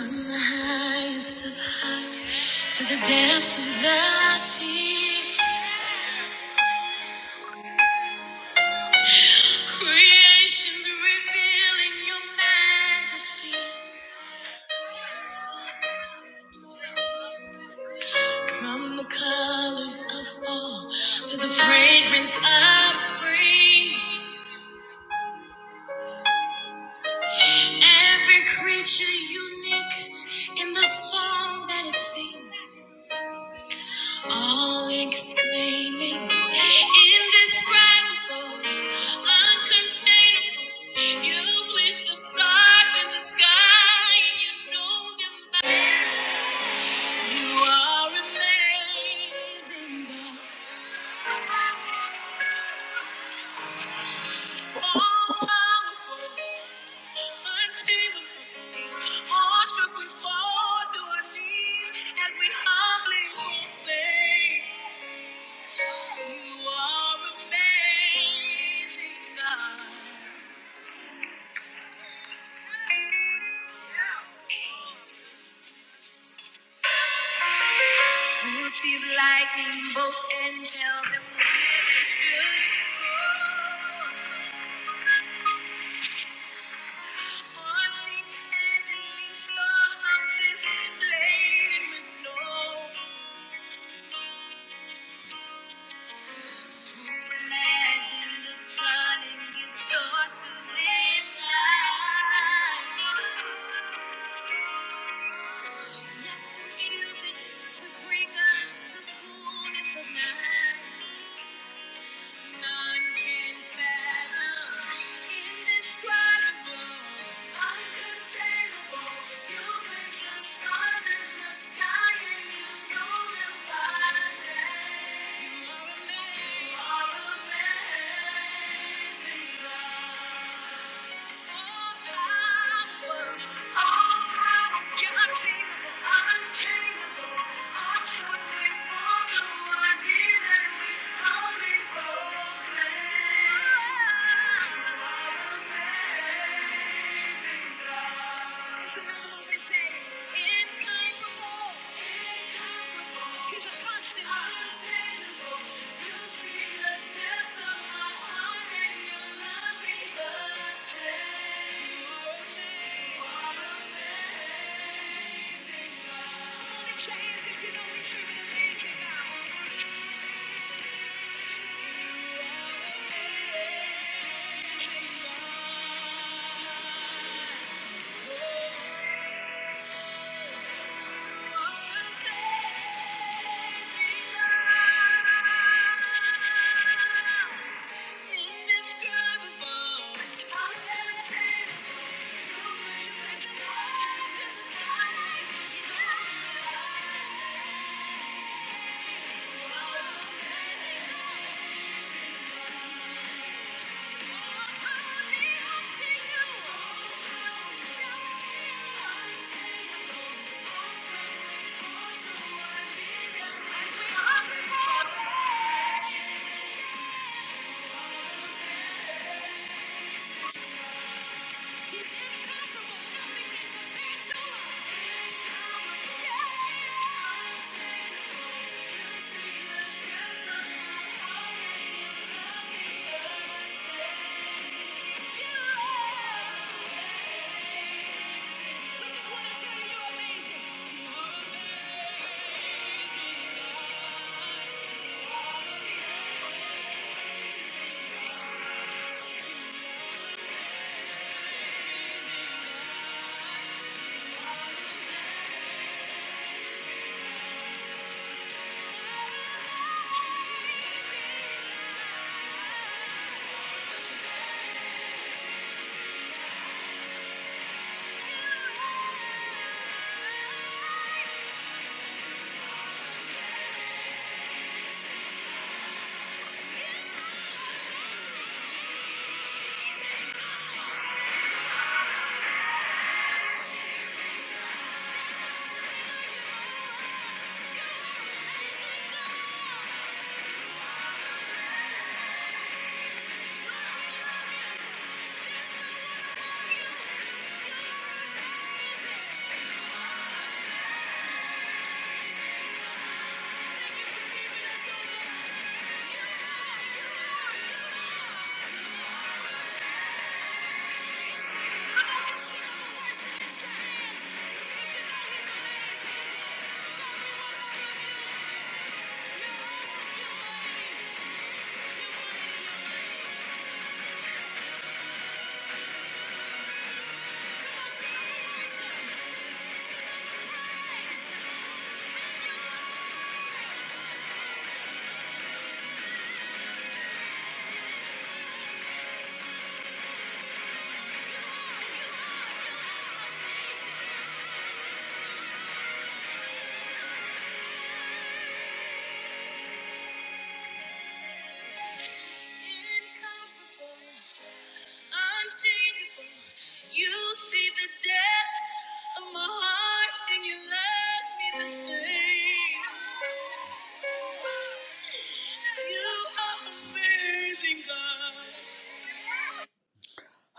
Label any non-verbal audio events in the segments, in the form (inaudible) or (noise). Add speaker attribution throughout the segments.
Speaker 1: From the highest of highs to the depths of the sea, creation's revealing your majesty. From the colors of fall to the fragrance of spring, every creature unique in the song that it sings. All exclaiming, indescribable, uncontainable. You place the stars in the sky and you know them by. You are amazing, God. All powerful, untamable. All should we fall to our knees as we humbly proclaim. You are amazing, God. Touch these lightning bolts and tell them that you want me and your house is laden with gold. Imagine the sun and get source of this life. Nothing shielded to bring us the coolness of night. None indescribable, uncontainable. You place the stars in the sky and you know them You are amazing. You are amazing, Oh, He's a constant. You see the depth of my heart and you love but the change that you know me, Thank you. You see the depths of my heart, and you love me the same. You are amazing, God.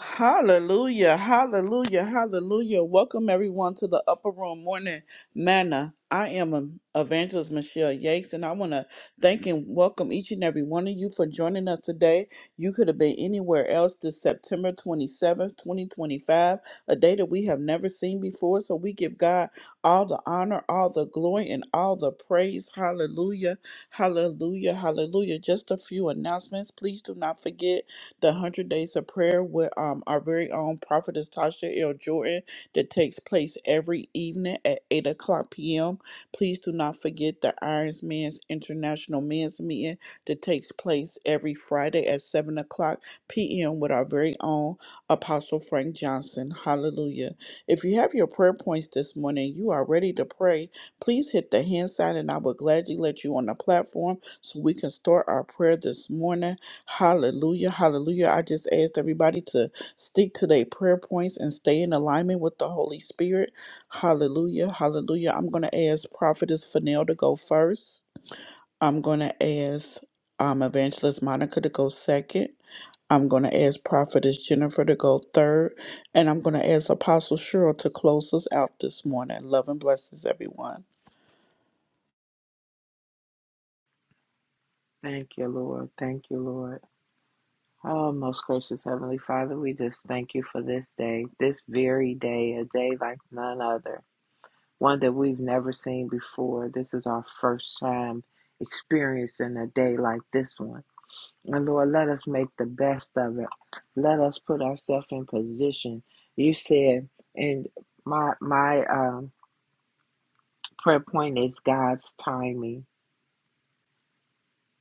Speaker 1: Hallelujah, hallelujah, hallelujah. Welcome everyone to the Upper Room Morning Manna. I am um, Evangelist Michelle Yates, and I want to thank and welcome each and every one of you for joining us today. You could have been anywhere else this September 27th, 2025, a day that we have never seen before. So we give God all the honor, all the glory, and all the praise. Hallelujah, hallelujah, hallelujah. Just a few announcements. Please do not forget the 100 Days of Prayer with um, our very own prophetess Tasha L. Jordan that takes place every evening at 8 o'clock p.m. Please do not forget the Irons Men's International Men's Meeting that takes place every Friday at 7 o'clock p.m. with our very own Apostle Frank Johnson. Hallelujah. If you have your prayer points this morning, you are ready to pray, please hit the hand sign and I will gladly let you on the platform so we can start our prayer this morning. Hallelujah. Hallelujah. I just asked everybody to stick to their prayer points and stay in alignment with the Holy Spirit. Hallelujah. Hallelujah. I'm going to ask Prophetess Fennell to go first. I'm going to ask um, Evangelist Monica to go second. I'm going to ask Prophetess Jennifer to go third. And I'm going to ask Apostle Cheryl to close us out this morning. Love and blessings, everyone.
Speaker 2: Thank you, Lord. Thank you, Lord. Oh, most gracious Heavenly Father, we just thank you for this day, this very day, a day like none other, one that we've never seen before. This is our first time experiencing a day like this one. And Lord, let us make the best of it. Let us put ourselves in position. You said, and my my um, prayer point is God's timing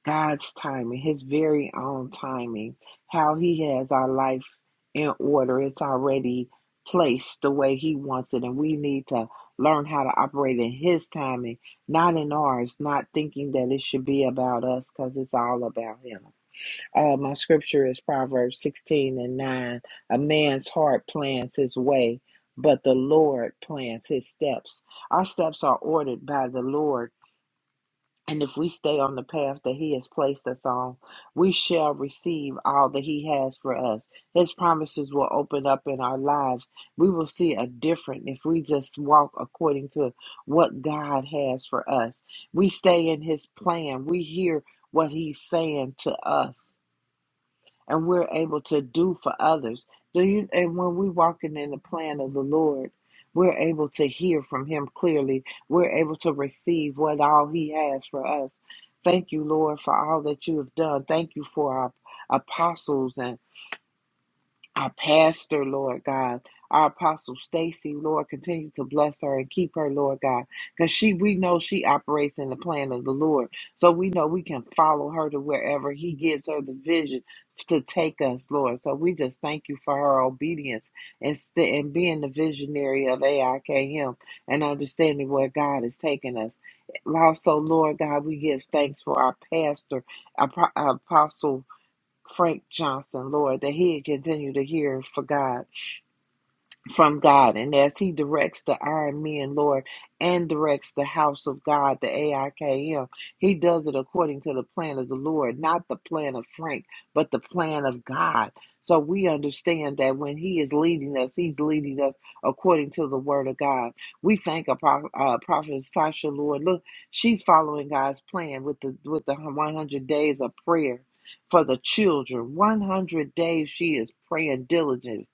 Speaker 2: God's timing, His very own timing, how He has our life in order. It's already placed the way He wants it, and we need to learn how to operate in His timing, not in ours, not thinking that it should be about us because it's all about Him. Uh, my scripture is Proverbs 16 and 9. A man's heart plans his way. But the Lord plans his steps. Our steps are ordered by the Lord and if we stay on the path that He has placed us on, we shall receive all that He has for us. His promises will open up in our lives. We will see a different if we just walk according to what God has for us. We stay in His plan, we hear what He's saying to us and we're able to do for others. Do you and when we are walking in the plan of the Lord, we're able to hear from him clearly. We're able to receive what all he has for us. Thank you, Lord, for all that you have done. Thank you for our apostles and our pastor, Lord God, our apostle Stacy, Lord, continue to bless her and keep her, Lord God, because she we know she operates in the plan of the Lord, so we know we can follow her to wherever He gives her the vision to take us, Lord. So we just thank you for her obedience and st- and being the visionary of AIKM and understanding where God is taking us. Also, Lord God, we give thanks for our pastor, our apostle. Frank Johnson, Lord, that he'd continue to hear for God from God. And as He directs the Iron Men, Lord, and directs the house of God, the AIKM, He does it according to the plan of the Lord, not the plan of Frank, but the plan of God. So we understand that when He is leading us, He's leading us according to the Word of God. We thank a pro- uh, prophetess Tasha, Lord. Look, she's following God's plan with the with the 100 days of prayer for the children. 100 days she is praying diligently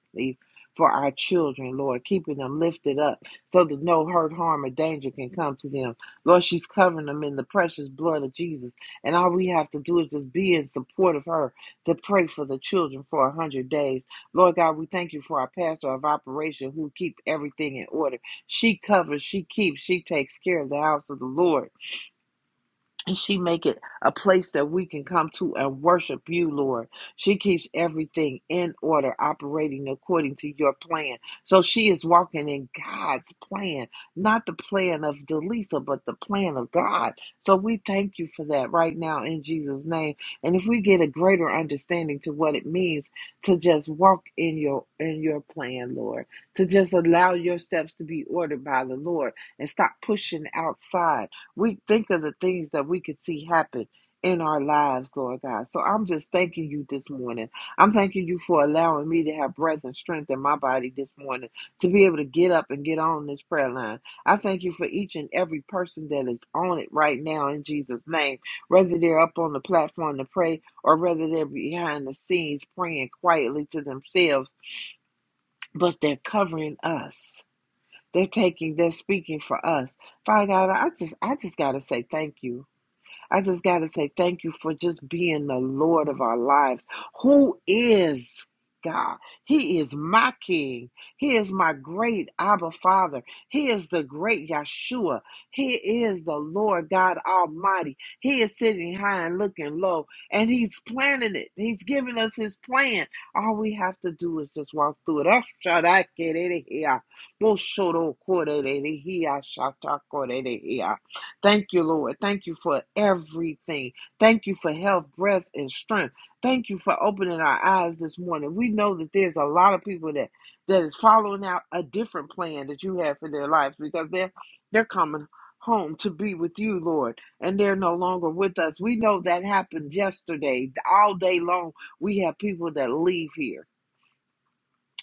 Speaker 2: for our children, Lord, keeping them lifted up so that no hurt, harm, or danger can come to them. Lord, she's covering them in the precious blood of Jesus. And all we have to do is just be in support of her to pray for the children for a hundred days. Lord God, we thank you for our pastor of operation who keep everything in order. She covers, she keeps, she takes care of the house of the Lord and she make it a place that we can come to and worship you lord she keeps everything in order operating according to your plan so she is walking in god's plan not the plan of delisa but the plan of god so we thank you for that right now in jesus name and if we get a greater understanding to what it means to just walk in your in your plan lord to just allow your steps to be ordered by the lord and stop pushing outside we think of the things that we could see happen in our lives, Lord God. So I'm just thanking you this morning. I'm thanking you for allowing me to have breath and strength in my body this morning to be able to get up and get on this prayer line. I thank you for each and every person that is on it right now in Jesus' name, whether they're up on the platform to pray or whether they're behind the scenes praying quietly to themselves, but they're covering us. They're taking, they're speaking for us. Father God, I just I just gotta say thank you. I just got to say thank you for just being the Lord of our lives. Who is God? He is my King. He is my great Abba Father. He is the great Yeshua. He is the Lord God Almighty. He is sitting high and looking low, and He's planning it. He's giving us His plan. All we have to do is just walk through it. Oh, shadakerehia. Boshodokorerehiashatakorerehiya. Thank you, Lord. Thank you for everything. Thank you for health, breath, and strength. Thank you for opening our eyes this morning. We know that there's a lot of people that that is following out a different plan that you have for their lives because they're they're coming home to be with you, Lord, and they're no longer with us. We know that happened yesterday. All day long, we have people that leave here.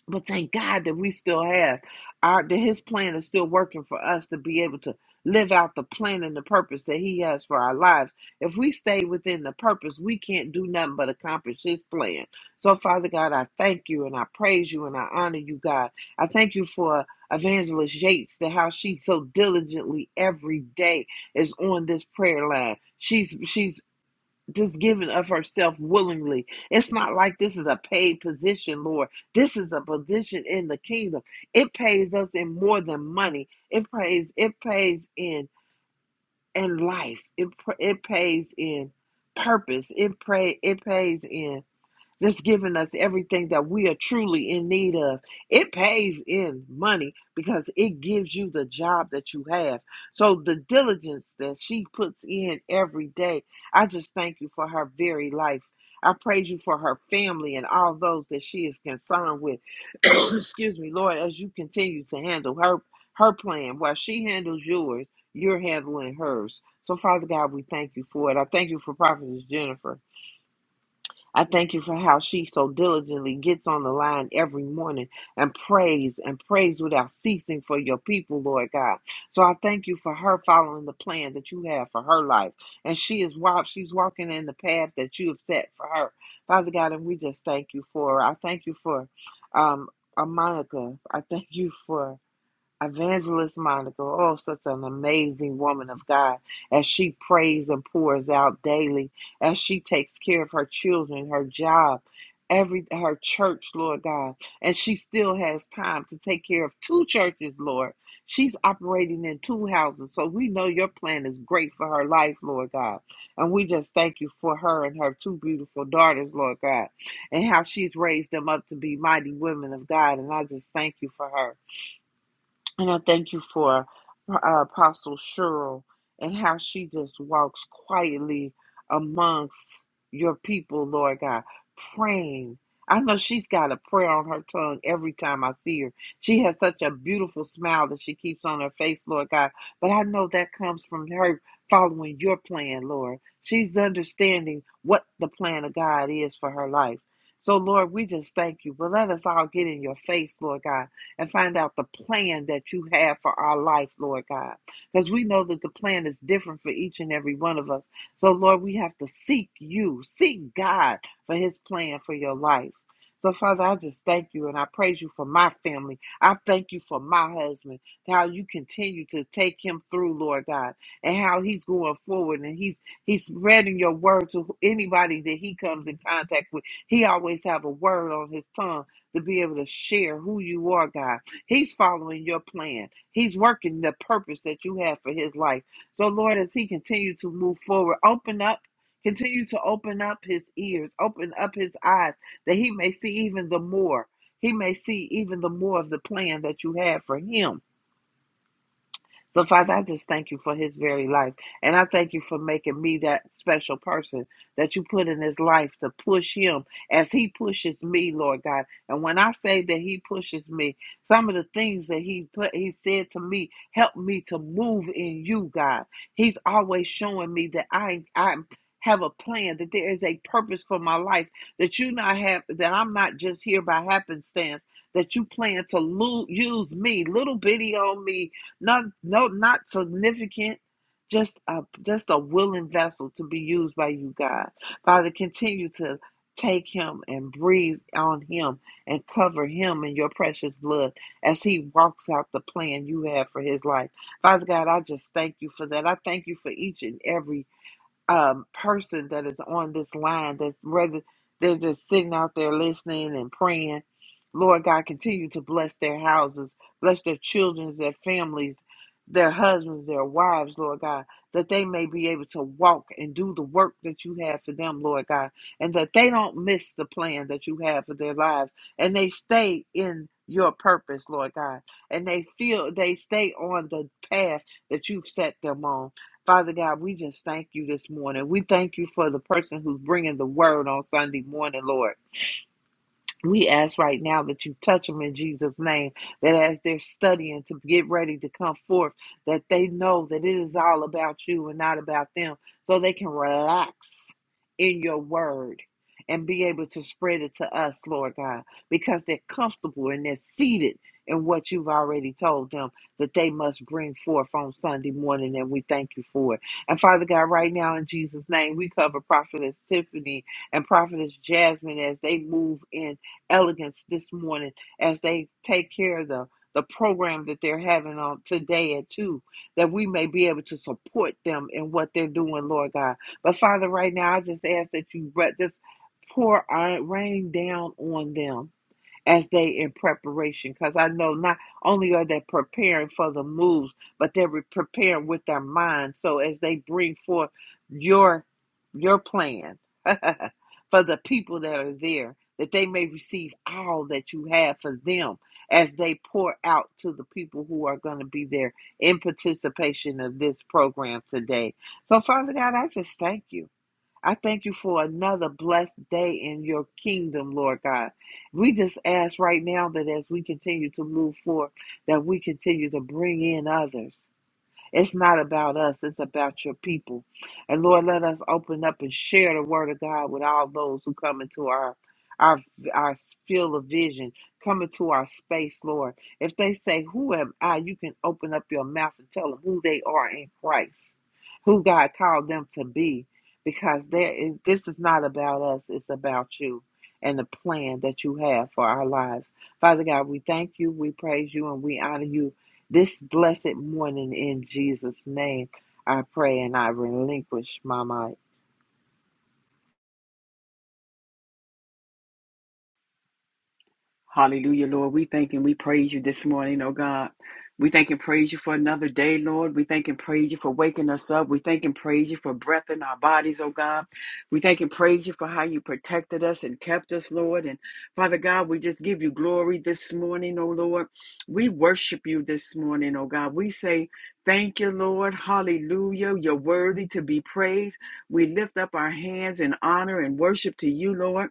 Speaker 2: But thank God that we still have our that his plan is still working for us to be able to live out the plan and the purpose that he has for our lives. If we stay within the purpose, we can't do nothing but accomplish his plan. So Father God, I thank you and I praise you and I honor you, God. I thank you for Evangelist Yates that how she so diligently every day is on this prayer line. She's she's just giving of herself willingly. It's not like this is a paid position, Lord. This is a position in the kingdom. It pays us in more than money. It pays. It pays in in life. It it pays in purpose. It pray. It pays in that's giving us everything that we are truly in need of. It pays in money because it gives you the job that you have. So the diligence that she puts in every day, I just thank you for her very life. I praise you for her family and all those that she is concerned with. (coughs) (clears throat) Excuse me, Lord, as you continue to handle her her plan while she handles yours, you're handling hers. So Father God, we thank you for it. I thank you for Prophetess Jennifer. I thank you for how she so diligently gets on the line every morning and prays and prays without ceasing for your people, Lord God. So I thank you for her following the plan that you have for her life. And she is walk, she's walking in the path that you have set for her. Father God, and we just thank you for her. I thank you for um uh, Monica. I thank you for Evangelist Monica, oh, such an amazing woman of God, as she prays and pours out daily, as she takes care of her children, her job, every her church, Lord God, and she still has time to take care of two churches, Lord. She's operating in two houses, so we know your plan is great for her life, Lord God. And we just thank you for her and her two beautiful daughters, Lord God, and how she's raised them up to be mighty women of God. And I just thank you for her. And I thank you for uh, Apostle Cheryl and how she just walks quietly amongst your people, Lord God, praying. I know she's got a prayer on her tongue every time I see her. She has such a beautiful smile that she keeps on her face, Lord God. But I know that comes from her following your plan, Lord. She's understanding what the plan of God is for her life. So, Lord, we just thank you. But let us all get in your face, Lord God and find out the plan that you have for our life, Lord God. Because we know that the plan is different for each and every one of us. So, Lord, we have to seek you, seek God for his plan for your life. So, Father, I just thank you and I praise you for my family. I thank you for my husband, how you continue to take him through, Lord God, and how he's going forward and he's he's spreading your word to anybody that he comes in contact with. He always have a word on his tongue to be able to share who you are, God. He's following your plan, He's working the purpose that you have for His life. So, Lord, as He continues to move forward, open up. Continue to open up his ears, open up his eyes, that he may see even the more. He may see even the more of the plan that you have for him. So, Father, I just thank you for his very life. And I thank you for making me that special person that you put in his life to push him as he pushes me, Lord God. And when I say that he pushes me, some of the things that he put he said to me help me to move in you, God. He's always showing me that I I have a plan, that there is a purpose for my life, that you not have that I'm not just here by happenstance. That you plan to lo- use me, little bitty on me, not no not significant, just a just a willing vessel to be used by you, God. Father, continue to take him and breathe on him and cover him in your precious blood as he walks out the plan you have for his life. Father God, I just thank you for that. I thank you for each and every um, person that is on this line that's rather they're just sitting out there listening and praying. Lord God, continue to bless their houses, bless their children, their families, their husbands, their wives, Lord God, that they may be able to walk and do the work that you have for them, Lord God, and that they don't miss the plan that you have for their lives and they stay in your purpose, Lord God, and they feel they stay on the path that you've set them on. Father God, we just thank you this morning. We thank you for the person who's bringing the word on Sunday morning, Lord. We ask right now that you touch them in Jesus' name, that as they're studying to get ready to come forth, that they know that it is all about you and not about them, so they can relax in your word and be able to spread it to us, Lord God, because they're comfortable and they're seated in what you've already told them that they must bring forth on Sunday morning, and we thank you for it. And Father God, right now in Jesus' name, we cover Prophetess Tiffany and Prophetess Jasmine as they move in elegance this morning as they take care of the, the program that they're having on today at 2, that we may be able to support them in what they're doing, Lord God. But Father, right now, I just ask that you just pour uh, rain down on them as they in preparation because i know not only are they preparing for the moves but they're re- preparing with their mind so as they bring forth your your plan (laughs) for the people that are there that they may receive all that you have for them as they pour out to the people who are going to be there in participation of this program today so father god i just thank you I thank you for another blessed day in your kingdom, Lord God. We just ask right now that as we continue to move forward, that we continue to bring in others. It's not about us, it's about your people. And Lord, let us open up and share the word of God with all those who come into our our our field of vision, come into our space, Lord. If they say, Who am I? You can open up your mouth and tell them who they are in Christ, who God called them to be. Because there is, this is not about us, it's about you and the plan that you have for our lives. Father God, we thank you, we praise you, and we honor you this blessed morning, in Jesus' name, I pray and I relinquish my mic.
Speaker 3: Hallelujah, Lord. We thank and we praise you this morning, oh God. We thank and praise you for another day, Lord. We thank and praise you for waking us up. We thank and praise you for breath in our bodies, oh God. We thank and praise you for how you protected us and kept us, Lord. And Father God, we just give you glory this morning, oh Lord. We worship you this morning, oh God. We say, Thank you, Lord. Hallelujah. You're worthy to be praised. We lift up our hands in honor and worship to you, Lord.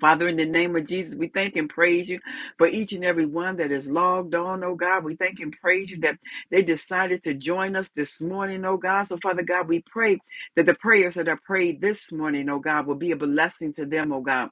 Speaker 3: Father, in the name of Jesus, we thank and praise you for each and every one that is logged on, oh God. We thank and praise you that they decided to join us this morning, oh God. So, Father God, we pray that the prayers that are prayed this morning, oh God, will be a blessing to them, oh God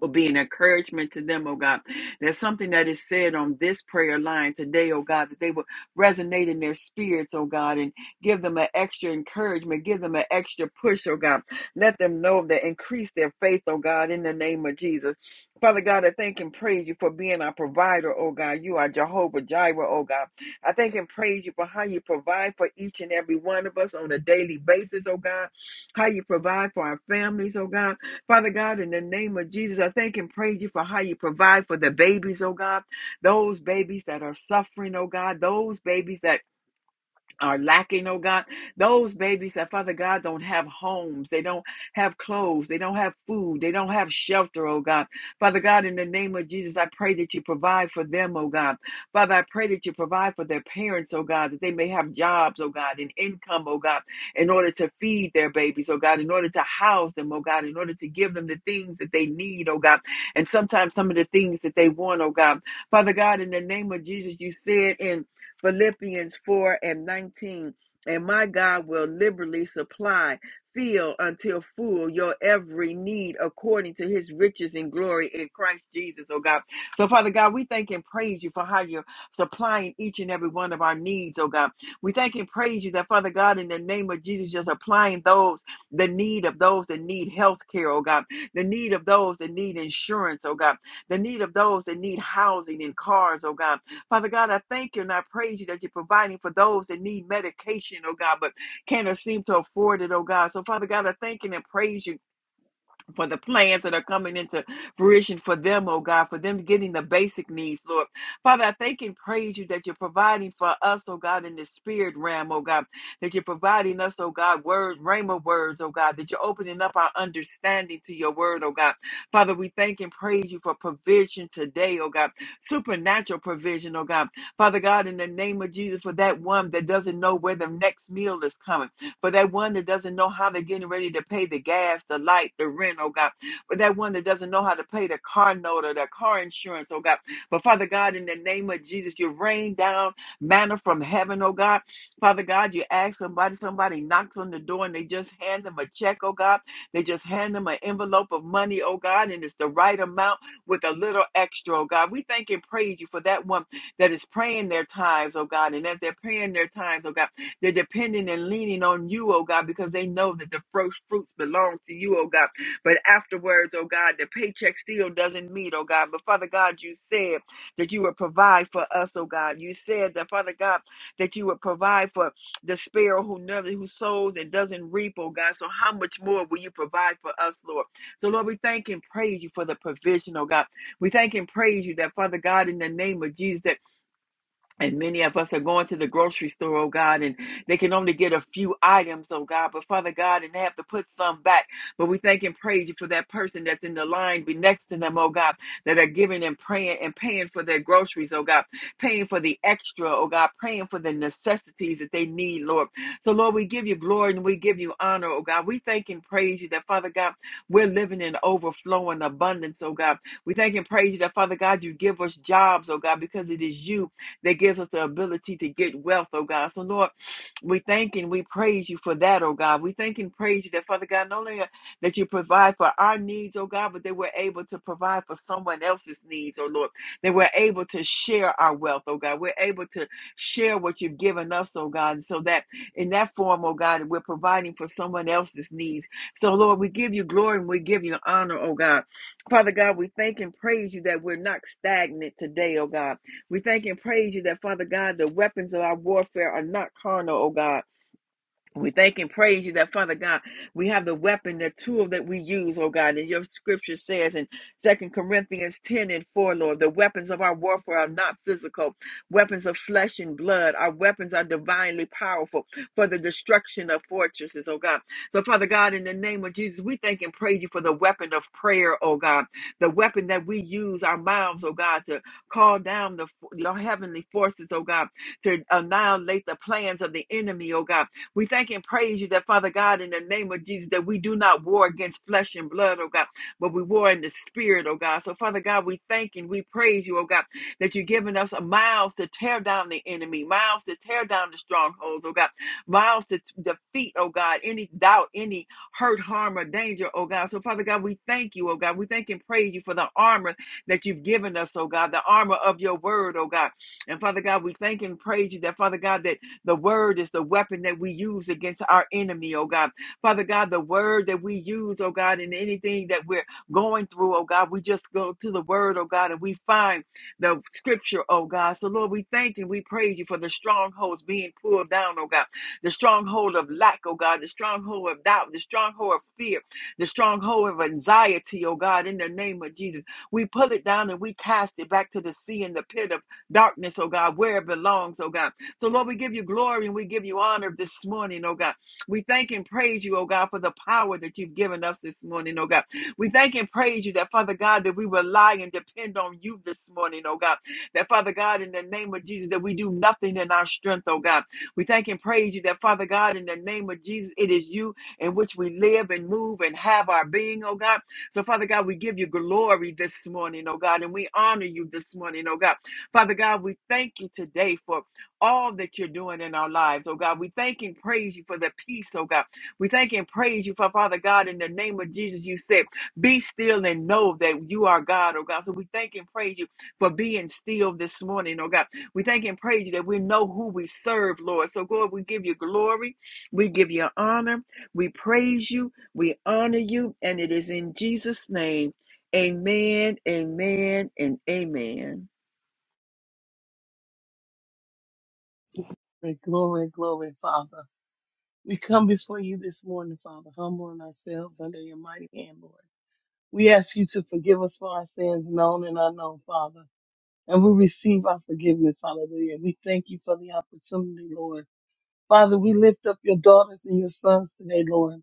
Speaker 3: will be an encouragement to them, oh God. There's something that is said on this prayer line today, oh God, that they will resonate in their spirits, oh God, and give them an extra encouragement, give them an extra push, oh God. Let them know that increase their faith, oh God, in the name of Jesus. Father God, I thank and praise you for being our provider, oh God. You are Jehovah Jireh, oh God. I thank and praise you for how you provide for each and every one of us on a daily basis, oh God. How you provide for our families, oh God Father God, in the name of Jesus, I thank and praise you for how you provide for the babies, oh God. Those babies that are suffering, oh God. Those babies that are lacking, oh God. Those babies that, Father God, don't have homes. They don't have clothes. They don't have food. They don't have shelter, oh God. Father God, in the name of Jesus, I pray that you provide for them, oh God. Father, I pray that you provide for their parents, oh God, that they may have jobs, oh God, and income, oh God, in order to feed their babies, oh God, in order to house them, oh God, in order to give them the things that they need, oh God, and sometimes some of the things that they want, oh God. Father God, in the name of Jesus, you said in Philippians 4 and 19. And my God will liberally supply, fill until full your every need according to his riches and glory in Christ Jesus, oh God. So, Father God, we thank and praise you for how you're supplying each and every one of our needs, oh God. We thank and praise you that, Father God, in the name of Jesus, just applying those, the need of those that need health care, oh God, the need of those that need insurance, oh God, the need of those that need housing and cars, oh God Father God, I thank you and I praise you that you're providing for those that need medication, oh God, but can't seem to afford it, oh God. So, Father God, I thank you and praise you for the plans that are coming into fruition for them, oh God, for them getting the basic needs, Lord. Father, I thank and praise you that you're providing for us, oh God, in the spirit realm, oh God, that you're providing us, oh God, words, rhema words, oh God, that you're opening up our understanding to your word, oh God. Father, we thank and praise you for provision today, oh God, supernatural provision, oh God. Father God, in the name of Jesus, for that one that doesn't know where the next meal is coming for that one that doesn't know how they're getting ready to pay the gas, the light, the rent, oh God, for that one that doesn't know how to pay the car note or their car insurance, oh God. But Father God, in the name of Jesus, you rain down manna from heaven, oh God. Father God, you ask somebody, somebody knocks on the door and they just hand them a check, oh God. They just hand them an envelope of money, oh God, and it's the right amount with a little extra, oh God. We thank and praise you for that one that is praying their tithes, oh God. And as they're praying their tithes, oh God. They're depending and leaning on you, oh God, because they know that the first fruits belong to you, oh God. But afterwards, oh God, the paycheck still doesn't meet, oh God. But Father God, you said that you would provide for us, oh God. You said that, Father God, that you would provide for the sparrow who never who sows and doesn't reap, oh God. So how much more will you provide for us, Lord? So Lord, we thank and praise you for the provision, oh God. We thank and praise you that, Father God, in the name of Jesus, that and many of us are going to the grocery store, oh God, and they can only get a few items, oh God. But Father God, and they have to put some back. But we thank and praise you for that person that's in the line be next to them, oh God, that are giving and praying and paying for their groceries, oh God, paying for the extra, oh God, praying for the necessities that they need, Lord. So Lord, we give you glory and we give you honor, oh God. We thank and praise you that Father God, we're living in overflowing abundance, oh God. We thank and praise you that Father God, you give us jobs, oh God, because it is you that gives us the ability to get wealth, oh God. So, Lord, we thank and we praise you for that, oh God. We thank and praise you that, Father God, not only uh, that you provide for our needs, oh God, but that we're able to provide for someone else's needs, oh Lord. That we're able to share our wealth, oh God. We're able to share what you've given us, oh God, so that in that form, oh God, we're providing for someone else's needs. So, Lord, we give you glory and we give you honor, oh God. Father God, we thank and praise you that we're not stagnant today, oh God. We thank and praise you that, Father God, the weapons of our warfare are not carnal, oh God, we thank and praise you that, Father God, we have the weapon, the tool that we use, oh God, and your scripture says in Second Corinthians 10 and 4, Lord, the weapons of our warfare are not physical, weapons of flesh and blood. Our weapons are divinely powerful for the destruction of fortresses, oh God. So, Father God, in the name of Jesus, we thank and praise you for the weapon of prayer, oh God, the weapon that we use, our mouths, oh God, to call down the your heavenly forces, oh God, to annihilate the plans of the enemy, oh God. We thank and praise you that, Father God, in the name of Jesus, that we do not war against flesh and blood, oh God, but we war in the spirit, oh God. So, Father God, we thank and we praise you, oh God, that you're giving us miles to tear down the enemy, miles to tear down the strongholds, oh God, miles to t- defeat, oh God, any doubt, any hurt, harm, or danger, oh God. So, Father God, we thank you, oh God. We thank and praise you for the armor that you've given us, oh God, the armor of your word, oh God. And Father God, we thank and praise you that, Father God, that. The word is the weapon that we use against our enemy, oh God. Father God, the word that we use, oh God, in anything that we're going through, oh God, we just go to the word, oh God, and we find the scripture, oh God. So, Lord, we thank you. We praise you for the strongholds being pulled down, oh God. The stronghold of lack, oh God. The stronghold of doubt. The stronghold of fear. The stronghold of anxiety, oh God, in the name of Jesus. We pull it down and we cast it back to the sea in the pit of darkness, oh God, where it belongs, oh God. So, Lord, we give you glory and we give you honor this morning, oh God. We thank and praise you, oh God, for the power that you've given us this morning, oh God. We thank and praise you that, Father God, that we rely and depend on you this morning, oh God. That, Father God, in the name of Jesus, that we do nothing in our strength, oh God. We thank and praise you that, Father God, in the name of Jesus, it is you in which we live and move and have our being, oh God. So, Father God, we give you glory this morning, oh God, and we honor you this morning, oh God. Father God, we thank you today for all that you're doing in our lives. Oh God, we thank and praise you for the peace, oh God. We thank and praise you for Father God. In the name of Jesus, you said, Be still and know that you are God, oh God. So we thank and praise you for being still this morning, oh God. We thank and praise you that we know who we serve, Lord. So, God, we give you glory, we give you honor, we praise you, we honor you, and it is in Jesus' name. Amen, amen, and amen.
Speaker 4: Glory, glory, glory, Father. We come before you this morning, Father, humbling ourselves under your mighty hand, Lord. We ask you to forgive us for our sins, known and unknown, Father. And we receive our forgiveness, hallelujah. We thank you for the opportunity, Lord. Father, we lift up your daughters and your sons today, Lord.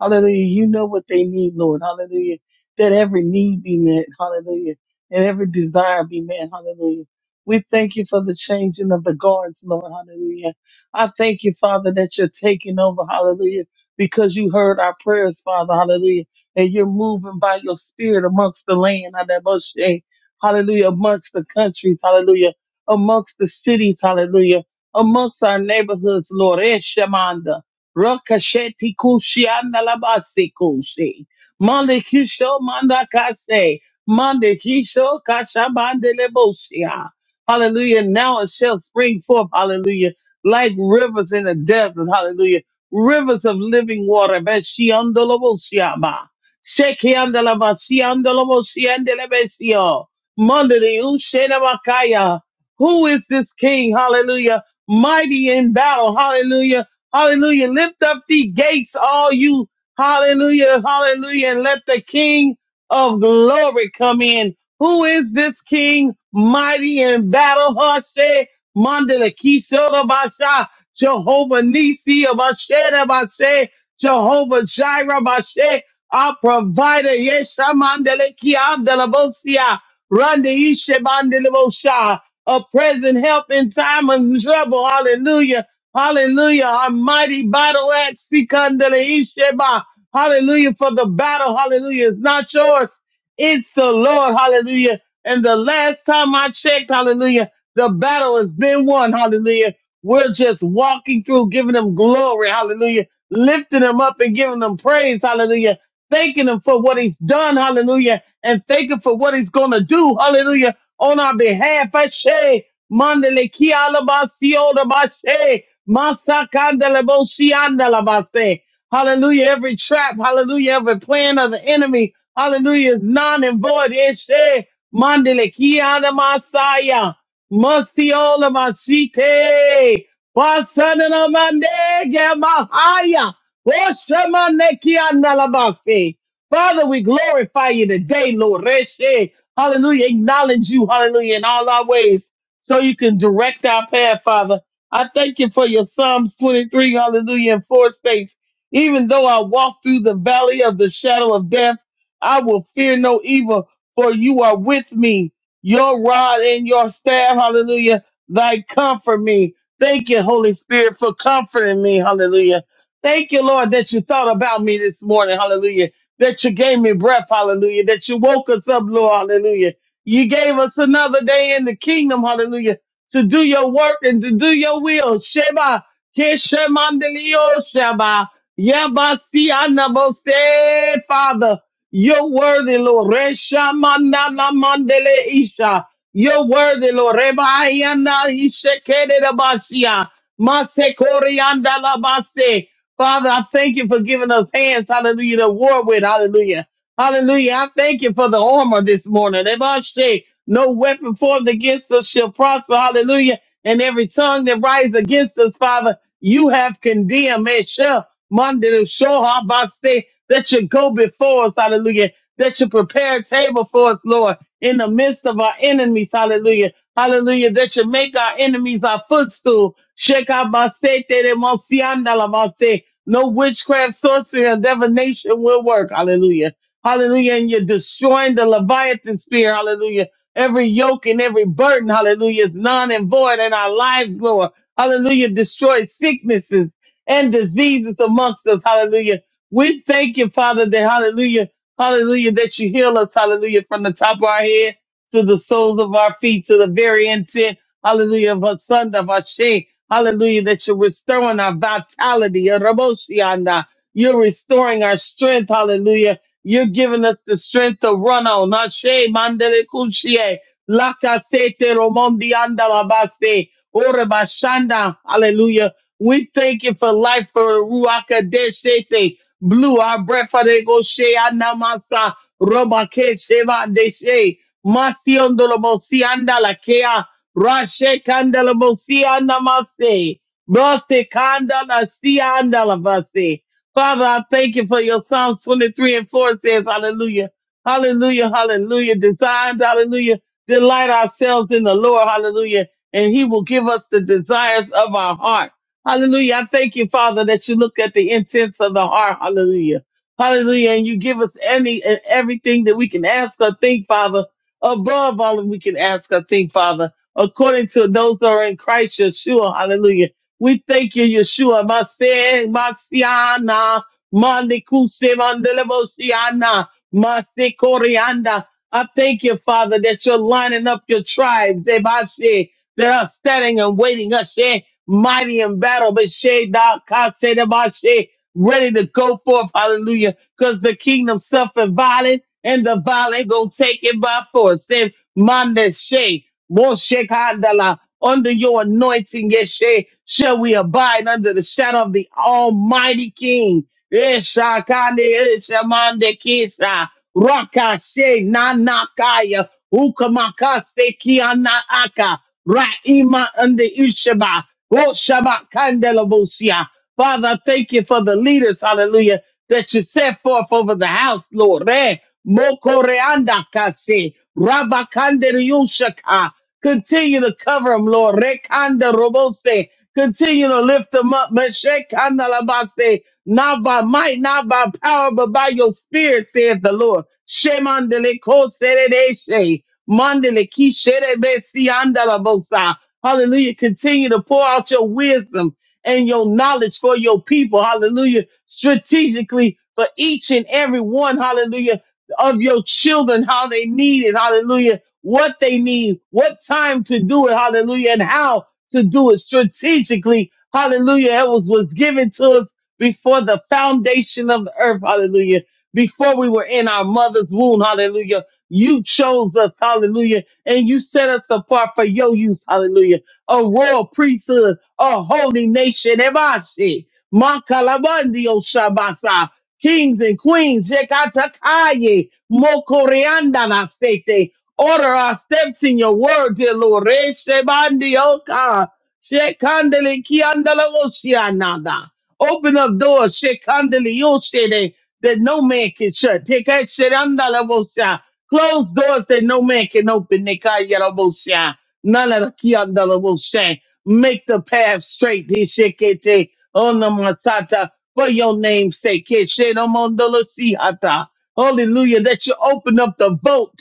Speaker 4: Hallelujah. You know what they need, Lord. Hallelujah. That every need be met. Hallelujah. And every desire be met. Hallelujah. We thank you for the changing of the guards, Lord. Hallelujah. I thank you, Father, that you're taking over. Hallelujah. Because you heard our prayers, Father. Hallelujah. And you're moving by your spirit amongst the land. Hallelujah. Hallelujah. Amongst the countries. Hallelujah. Amongst the cities. Hallelujah. Amongst our neighborhoods, Lord. Eshemanda. Rakasheti kushi andalabasi kushi. Mande kisho manda kashe. Mande kisho kasha mande lebosia. Hallelujah. Now it shall spring forth. Hallelujah. Like rivers in the desert. Hallelujah. Rivers of living water. Beshi andalabosia ba. Sheki andalabasi andalabosia andalabesio. Mande de ushe nabakaya. Who is this king? Hallelujah. Mighty in battle. Hallelujah Hallelujah. Lift up the gates, all you. Hallelujah. Hallelujah. And let the King of glory come in. Who is this King? Mighty in battle. Hashe Mandela Kishore Basha. Jehovah Nisi Abashe Bashe. Jehovah Jireh Bashe. Our provider. Yesha Mandele Kiandela Bosia. Randa Ishe Mandela Bosha. A present help in time of trouble. Hallelujah. Hallelujah. Our mighty battle axe. Sikandala Isheba. Hallelujah. For the battle. Hallelujah. It's not yours. It's the Lord. Hallelujah. And the last time I checked, hallelujah, the battle has been won. Hallelujah. We're just walking through, giving them glory. Hallelujah. Lifting them up and giving them praise. Hallelujah. Thanking him for what he's done. Hallelujah. And thanking for what he's going to do. Hallelujah. On our behalf. I say, Mandele kia alabasio Masakandaleboshiandalabase. Hallelujah. Every trap, hallelujah. Every plan of the enemy, hallelujah, is non and void. Eshe mandelekiana masaya. Mustiola masite. Basanana mandege mahaya. Oshamanekiandalabase. Father, we glorify you today, Lord. Eshe. Hallelujah. Acknowledge you, hallelujah, in all our ways so you can direct our path, Father. I thank you for your Psalms 23, hallelujah, and 4 states. Even though I walk through the valley of the shadow of death, I will fear no evil, for you are with me. Your rod and your staff, hallelujah, thy comfort me. Thank you, Holy Spirit, for comforting me, hallelujah. Thank you, Lord, that you thought about me this morning, hallelujah. That you gave me breath, hallelujah. That you woke us up, Lord, hallelujah. You gave us another day in the kingdom, hallelujah to do your work and to do your will. Sheba, Keshemandelio Sheba, Yabasi Anabose. Father, you're worthy, Lord. Reshamandala Mandele Isha, you're worthy, Lord. Rebayana Ishekede Basia, Masekoriandala Base. Father, I thank you for giving us hands, hallelujah, to war with, hallelujah. Hallelujah. I thank you for the armor this morning. That I say, no weapon formed against us shall prosper. Hallelujah. And every tongue that rises against us, Father, you have condemned. May shall Monday to show how I say that you go before us. Hallelujah. That you prepare a table for us, Lord, in the midst of our enemies. Hallelujah. Hallelujah. That you make our enemies our footstool. Shake out my say, te de mon si andala, my say. no witchcraft, sorcery, or divination will work. Hallelujah. Hallelujah. And you're destroying the Leviathan spear. Hallelujah. Every yoke and every burden. Hallelujah. Is none and void in our lives, Lord. Hallelujah. Destroy sicknesses and diseases amongst us. Hallelujah. We thank you, Father, that hallelujah. Hallelujah. That you heal us. Hallelujah. From the top of our head to the soles of our feet to the very intent. Hallelujah. Of our son, of our shame. Hallelujah. That you're restoring our vitality. Your Raboshianda. You're restoring our strength. Hallelujah you're giving us the strength to run on. Ashe mandele kushie. Lakasete romondi andalabase. Ore bashanda. Hallelujah. We thank you for life for Ruaka Deshete. Blue our breath for the Goshe Anamasa. Robake Sheva Deshe. Masiondolobosi andalakea. Rashe kandalabosi andamase. Rose kandala si andalabase. Father, I thank you for your Psalm 23 and 4 says, Hallelujah, Hallelujah, Hallelujah. Designed, Hallelujah. Delight ourselves in the Lord, Hallelujah, and He will give us the desires of our heart. Hallelujah. I thank you, Father, that you look at the intents of the heart, Hallelujah, Hallelujah, and you give us any and everything that we can ask or think, Father, above all that we can ask or think, Father, according to those that are in Christ Yeshua, Hallelujah. We thank you, Yeshua. Mase, Masiana, Manikuse, Mandelebosiana, Mase Koreanda. I thank you, Father, that you're lining up your tribes, Ebashe, that are standing and waiting, Ashe, mighty in battle, but She, Da, Kase, Ebashe, ready to go forth, hallelujah, because the kingdom suffered violent, and the violent gonna take it by force. Say, Mande She, Moshe Kandala, under your anointing, Yeshe, shall we abide under the shadow of the Almighty King. Yesha, Kande, Yesha, Mande, Kisha, Raka, Nanakaya, Ukamaka, Sekiana, Aka, Raima, and the Ishaba, Roshaba, Kandelabosia. Father, I thank you for the leaders, hallelujah, that you set forth over the house, Lord. Eh, Mokoreanda, Kase, Rabakandere, Yushaka, Continue to cover them, Lord. Rekanda robose. Continue to lift them up. Meshekanda labase. Not by might, not by power, but by your spirit, saith the Lord. Shemandele koseredeshe. Mandele kisherebesi andalabosa. Hallelujah. Continue to pour out your wisdom and your knowledge for your people. Hallelujah. Strategically for each and every one. Hallelujah. Of your children, how they need it. Hallelujah what they need, what time to do it, hallelujah, and how to do it strategically, hallelujah. It was, was given to us before the foundation of the earth, hallelujah, before we were in our mother's womb, hallelujah. You chose us, hallelujah, and you set us apart for your use, hallelujah. A royal priesthood, a holy nation, Ebashi, Makalabandio Shabasa, kings and queens, Yekatakaye, Mokorianda Nasete, Order our steps in your word, dear Lord. Reshabandioka, shekandele kiandala oshianada. Open up doors, shekandele yoshede, that no man can shut. Tekesherandala osha. Close doors that no man can open. Nekayala osha. None of the kiandala osha. Make the path straight. Hishekete onamasata. For your name's sake. Keshenomondolo sihata. Hallelujah. That you open up the vote.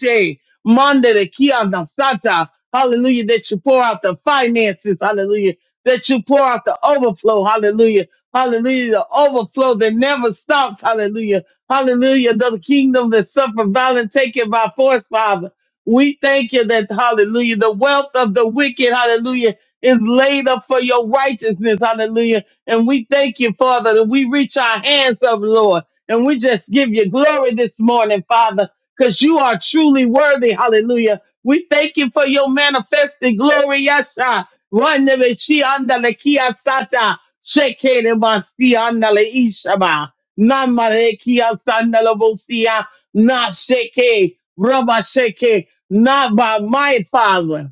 Speaker 4: Mandere kiana sata. Hallelujah. That you pour out the finances. Hallelujah. That you pour out the overflow. Hallelujah. Hallelujah. The overflow that never stops. Hallelujah. Hallelujah. The kingdom that suffer violence taken by force, Father. We thank you that, hallelujah, the wealth of the wicked, hallelujah, is laid up for your righteousness, hallelujah. And we thank you, Father, that we reach our hands up, Lord. And we just give you glory this morning, Father because you are truly worthy. Hallelujah. We thank you for your manifested glory. Yasha. Wanda me shi anda le kia sata. Sheke le basi anda ishaba. Nama kia sanda bosia. Na sheke. Rama sheke. Not by my father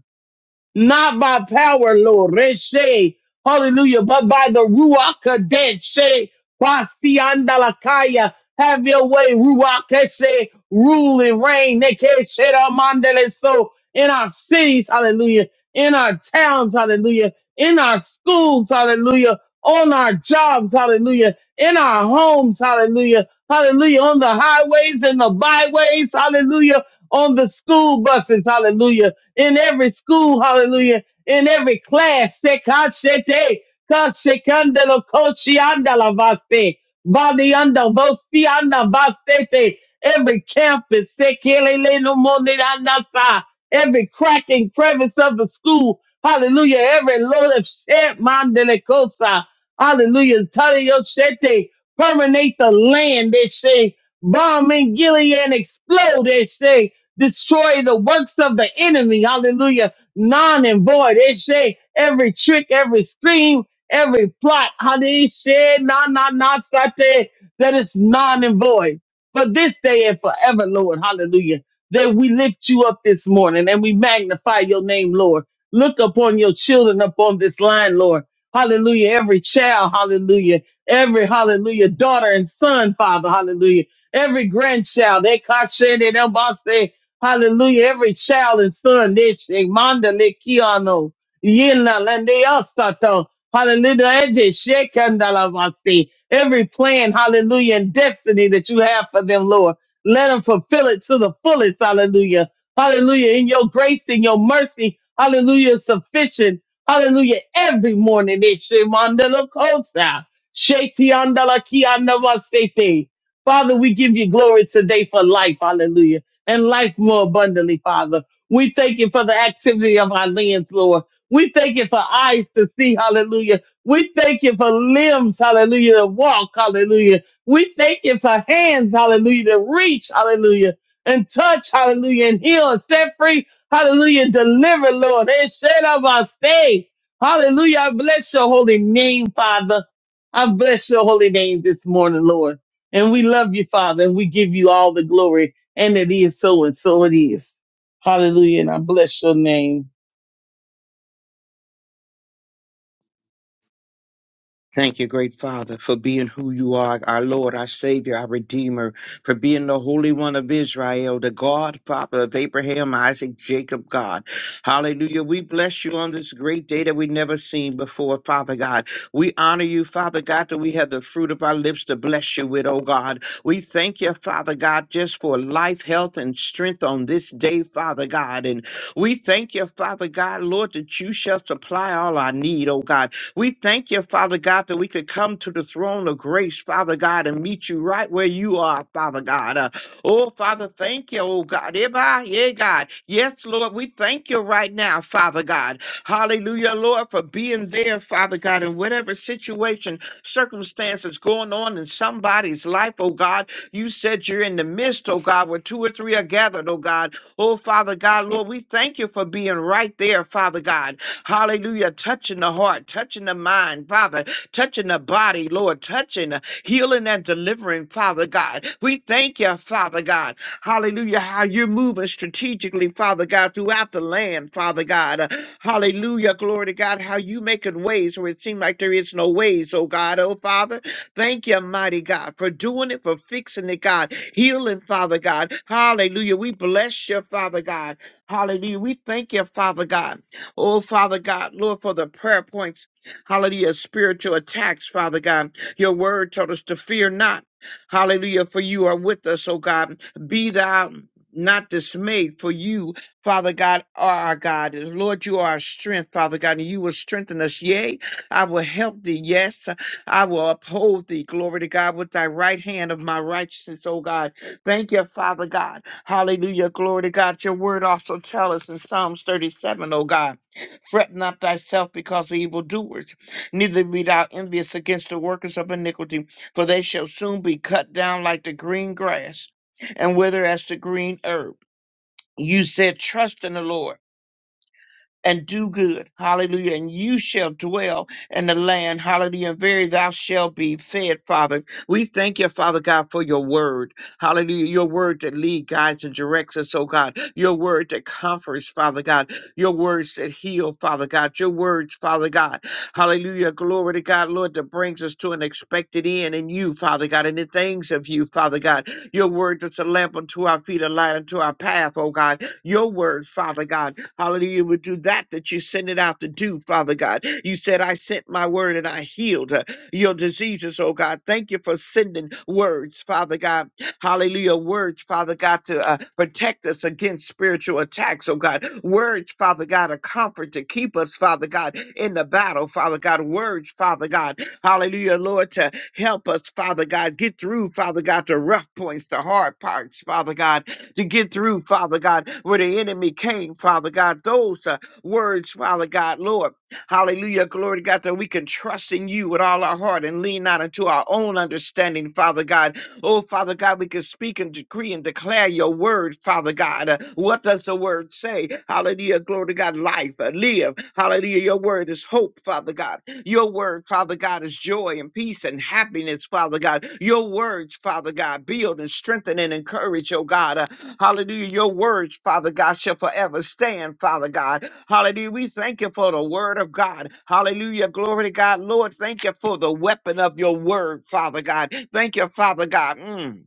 Speaker 4: not by power, Lord. Reshe, hallelujah, but by the Ruach Kadeshe, Basiandalakaya. Have your way, Ruach Keshe, rule and reign, Nekeshera Mandele. So in our cities, hallelujah, in our towns, hallelujah, in our schools, hallelujah, on our jobs, hallelujah, in our homes, hallelujah, hallelujah, on the highways and the byways, hallelujah, on the school buses, hallelujah in every school, hallelujah, in every class. se Sekashete, kashekandelo, koshiandala vaste, valianda, vosianda, vasete, Every campus, se sekelele no monidandasa, every crack and crevice of the school, hallelujah, every load of shed, mandelekosa, hallelujah, taliyoshete, permeate the land, they say, bomb in Gilead and explode, they say, destroy the works of the enemy. Hallelujah. Non and void. It every trick, every scheme, every plot. Hallelujah. Na, na, na, sate. That is non and void. But this day and forever, Lord. Hallelujah. That we lift you up this morning and we magnify your name, Lord. Look upon your children upon this line, Lord. Hallelujah. Every child, hallelujah. Every hallelujah, daughter and son, Father, hallelujah every grandchild, they kashe, they don't Hallelujah. Every child and son, this Manda le kiano. Yena landia sato. Hallelujah. And this shekandalavasi. Every plan, hallelujah, and destiny that you have for them, Lord. Let them fulfill it to the fullest. Hallelujah. Hallelujah. In your grace and your mercy. Hallelujah. is Sufficient. Hallelujah. Every morning. this Shemandala kosa. Shetiandala kiandavasete. Father, we give you glory today for life. Hallelujah and life more abundantly, Father. We thank you for the activity of our limbs, Lord. We thank you for eyes to see, hallelujah. We thank you for limbs, hallelujah, to walk, hallelujah. We thank you for hands, hallelujah, to reach, hallelujah, and touch, hallelujah, and heal and set free, hallelujah, and deliver, Lord. Instead of our stay, hallelujah, I bless your holy name, Father. I bless your holy name this morning, Lord. And we love you, Father, and we give you all the glory. And it is so and so it is. Hallelujah. And I bless your name.
Speaker 5: Thank you, great Father, for being who you are, our Lord, our Savior, our Redeemer, for being the Holy One of Israel, the God, Father of Abraham, Isaac, Jacob, God. Hallelujah. We bless you on this great day that we never seen before, Father God. We honor you, Father God, that we have the fruit of our lips to bless you with, oh God. We thank you, Father God, just for life, health, and strength on this day, Father God. And we thank you, Father God, Lord, that you shall supply all our need, oh God. We thank you, Father God, that we could come to the throne of grace, Father God, and meet you right where you are, Father God. Uh, oh, Father, thank you, oh God. Eba, Yeah, God. Yes, Lord, we thank you right now, Father God. Hallelujah, Lord, for being there, Father God, in whatever situation, circumstances going on in somebody's life, oh God. You said you're in the midst, oh God, where two or three are gathered, oh God. Oh, Father God, Lord, we thank you for being right there, Father God. Hallelujah. Touching the heart, touching the mind, Father, touching the body, Lord, touching, uh, healing and delivering, Father God. We thank you, Father God. Hallelujah. How you're moving strategically, Father God, throughout the land, Father God. Uh, Hallelujah. Glory to God. How you making ways where it seems like there is no ways, oh God, oh Father. Thank you, mighty God, for doing it, for fixing it, God, healing, Father God. Hallelujah. We bless you, Father God. Hallelujah. We thank you, Father God. Oh, Father God, Lord, for the prayer points, hallelujah, spiritual attacks, Father God. Your word told us to fear not. Hallelujah, for you are with us, oh God. Be thou not dismayed, for you, Father God, are our God. And Lord, you are our strength, Father God, and you will strengthen us. Yea, I will help thee. Yes, I will uphold thee. Glory to God with thy right hand of my righteousness, oh God. Thank you, Father God. Hallelujah. Glory to God. Your word also tell us in Psalms 37 O God. Fret not thyself because of evildoers, neither be thou envious against the workers of iniquity, for they shall soon be cut down like the green grass and wither as the green herb. You said, Trust in the Lord and do good. Hallelujah. And you shall dwell in the land. Hallelujah. And very thou shalt be fed, Father. We thank you, Father God, for your word. Hallelujah. Your word that lead, guides, and directs us, oh God. Your word that comforts, Father God. Your words that heal, Father God. Your words, Father God. Hallelujah. Glory to God, Lord, that brings us to an expected end in you, Father God, and the things of you, Father God. Your word that's a lamp unto our feet, a light unto our path, oh God. Your word, Father God. Hallelujah. would do that that you send it out to do, Father God. You said, I sent my word and I healed uh, your diseases, oh God. Thank you for sending words, Father God. Hallelujah. Words, Father God, to uh, protect us against spiritual attacks, oh God. Words, Father God, a comfort to keep us, Father God, in the battle, Father God. Words, Father God. Hallelujah, Lord, to help us, Father God, get through, Father God, the rough points, the hard parts, Father God to get through, Father God, where the enemy came, Father God. Those uh, words, Father God, Lord, hallelujah, glory to God, that we can trust in you with all our heart and lean not into our own understanding, Father God. Oh, Father God, we can speak and decree and declare your word, Father God. Uh, what does the word say? Hallelujah, glory to God, life, uh, live. Hallelujah, your word is hope, Father God. Your word, Father God, is joy and peace and happiness, Father God. Your words, Father God, build and strengthen and encourage, oh God. Uh, hallelujah. Your words, Father God, shall forever stand, Father God. Hallelujah. We thank you for the word of God. Hallelujah. Glory to God. Lord, thank you for the weapon of your word, Father God. Thank you, Father God. Mm.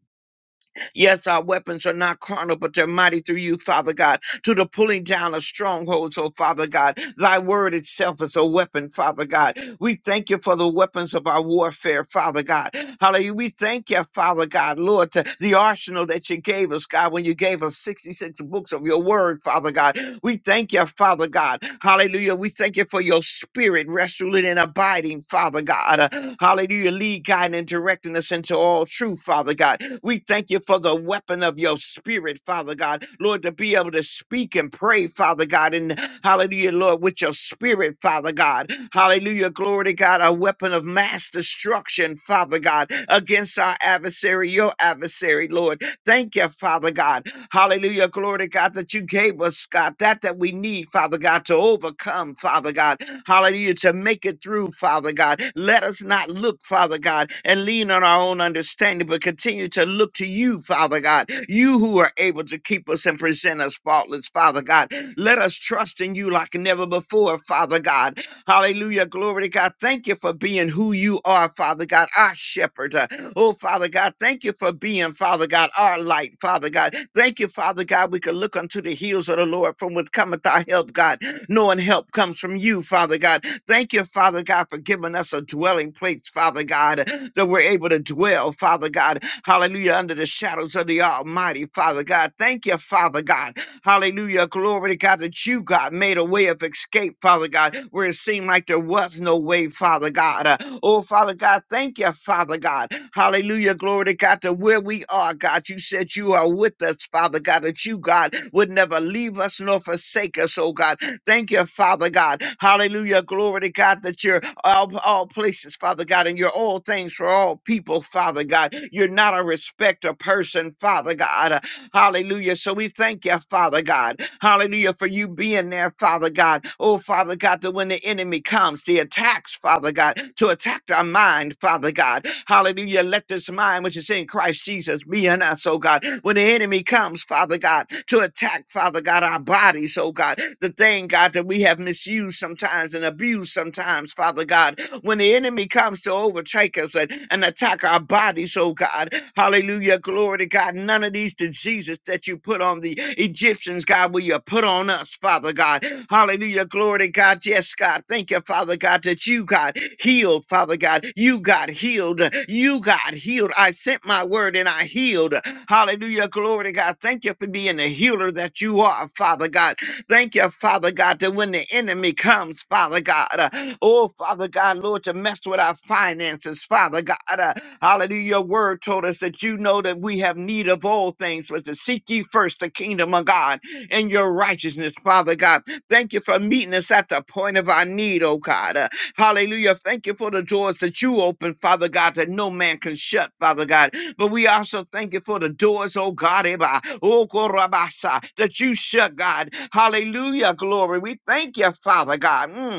Speaker 5: Yes, our weapons are not carnal, but they're mighty through you, Father God, to the pulling down of strongholds, oh Father God. Thy word itself is a weapon, Father God. We thank you for the weapons of our warfare, Father God. Hallelujah. We thank you, Father God, Lord, to the arsenal that you gave us, God, when you gave us 66 books of your word, Father God. We thank you, Father God. Hallelujah. We thank you for your spirit rest, ruling, and abiding, Father God. Uh, Hallelujah. Lead, guiding, and directing us into all truth, Father God. We thank you for the weapon of your spirit, Father God. Lord, to be able to speak and pray, Father God. And hallelujah, Lord, with your spirit, Father God. Hallelujah. Glory to God. A weapon of mass destruction, Father God, against our adversary, your adversary, Lord. Thank you, Father God. Hallelujah. Glory to God that you gave us, God, that that we need, Father God, to overcome, Father God. Hallelujah. To make it through, Father God. Let us not look, Father God, and lean on our own understanding, but continue to look to you, Father God. You who are able to keep us and present us faultless, Father God. Let us trust in you like never before, Father God. Hallelujah. Glory to God. Thank you for being who you are, Father God, our shepherd. Uh, Oh, Father God, thank you for being, Father God, our light, Father God. Thank you, Father God. We can look unto the heels of the Lord from which cometh our help, God. Knowing help comes from you, Father God. Thank you, Father God, for giving us a dwelling place, Father God, that we're able to dwell, Father God. Hallelujah. Under the shadows of the Almighty, Father God. Thank you, Father God. Hallelujah. Glory to God that you, God, made a way of escape, Father God, where it seemed like there was no way, Father God. Uh, oh, Father God, thank you, Father God. Hallelujah. Glory to God that where we are, God, you said you are with us, Father God, that you, God, would never leave us nor forsake us, oh God. Thank you, Father God. Hallelujah. Glory to God that you're all, all places, Father God, and you're all things for all people, Father God. You're not a respecter person, Father God. Hallelujah. So we thank you, Father God. Hallelujah, for you being there, Father God. Oh, Father God, that when the enemy comes, the attacks, Father God, to attack our mind, Father God. Hallelujah. Let this mind which is in Christ Jesus be in us, oh God. When the enemy comes, Father God, to attack, Father God, our bodies, oh God. The thing, God, that we have misused sometimes and abused sometimes, Father God. When the enemy comes, comes to overtake us and, and attack our bodies, oh God. Hallelujah. Glory to God. None of these diseases that you put on the Egyptians, God, will you put on us, Father God. Hallelujah. Glory to God. Yes, God. Thank you, Father God, that you got healed, Father God. You got healed. You got healed. I sent my word and I healed. Hallelujah. Glory to God. Thank you for being the healer that you are, Father God. Thank you, Father God, that when the enemy comes, Father God, uh, oh, Father God, Lord, to mess with our finances, Father God, uh, hallelujah, your word told us that you know that we have need of all things, but to seek ye first the kingdom of God and your righteousness, Father God. Thank you for meeting us at the point of our need, oh God. Uh, Hallelujah. Thank you for the doors that you open, Father God, that no man can shut, Father God. But we also thank you for the doors, oh God, Eba, oh, Korabasa, that you shut, God. Hallelujah. Glory. We thank you, Father God. Mm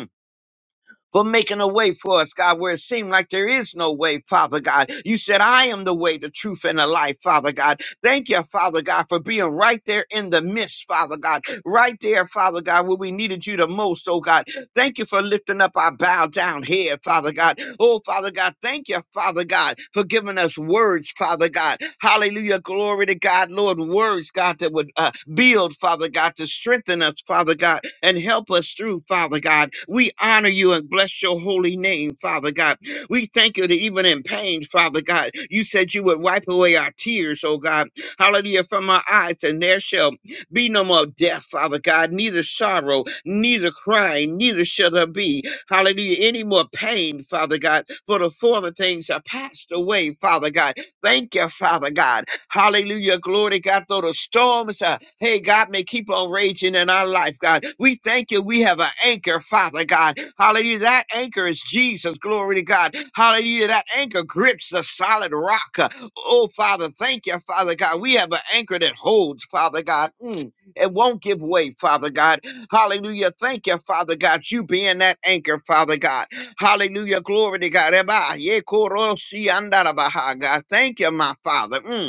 Speaker 5: for making a way for us, God, where it seemed like there is no way, Father God. You said, I am the way, the truth, and the life, Father God. Thank you, Father God, for being right there in the midst, Father God. Right there, Father God, where we needed you the most, oh God. Thank you for lifting up our bowed down head, Father God. Oh, Father God, thank you, Father God, for giving us words, Father God. Hallelujah. Glory to God, Lord. Words, God, that would uh, Build, Father God, to strengthen us, Father God, and help us through, Father God. We honor you and bless your holy name, Father God. We thank you that even in pain, Father God, you said you would wipe away our tears, oh God. Hallelujah, from our eyes, and there shall be no more death, Father God, neither sorrow, neither crying, neither shall there be, hallelujah, any more pain, Father God, for the former things are passed away, Father God. Thank you, Father God. Hallelujah. Glory, God, though the storms, uh, hey, God, may keep on raging in our life, God. We thank you. We have an anchor, Father God. Hallelujah. That anchor is Jesus. Glory to God. Hallelujah. That anchor grips the solid rock. Uh, Oh, Father, thank you, Father God. We have an anchor that holds, Father God. Mm. It won't give way, Father God. Hallelujah. Thank you, Father God. You being that anchor, Father God. Hallelujah. Glory to God. Eba, ye koro si andara God. Thank you, my Father. Mm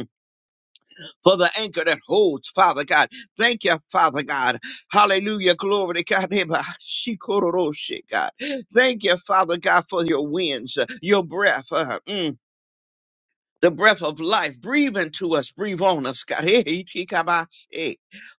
Speaker 5: for the anchor that holds, Father God. Thank you, Father God. Hallelujah. Glory to God. Eba, shikororoshe, God. Thank you, Father God, for your winds, uh, your breath. uh, mm, The breath of life, breathe into us, breathe on us, God. (laughs) Eh, eh, eh.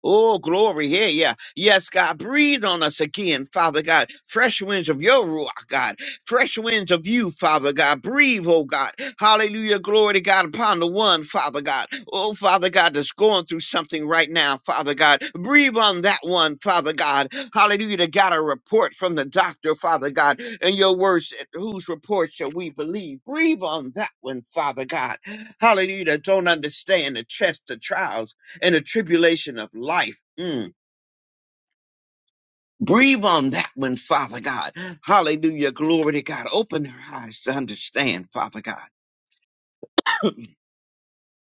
Speaker 5: Oh, glory. Yeah, yeah. Yes, God, breathe on us again, Father God. Fresh winds of your Ruach, God. Fresh winds of you, Father God. Breathe, oh God. Hallelujah. Glory to God upon the one, Father God. Oh, Father God, that's going through something right now, Father God. Breathe on that one, Father God. Hallelujah. That got a report from the doctor, Father God. And your words, said, whose report shall we believe? Breathe on that one, Father God. Hallelujah. That don't understand the test, the trials, and the tribulation of life. Mm Breathe on that one, Father God. Hallelujah. Glory to God. Open her eyes to understand, Father God.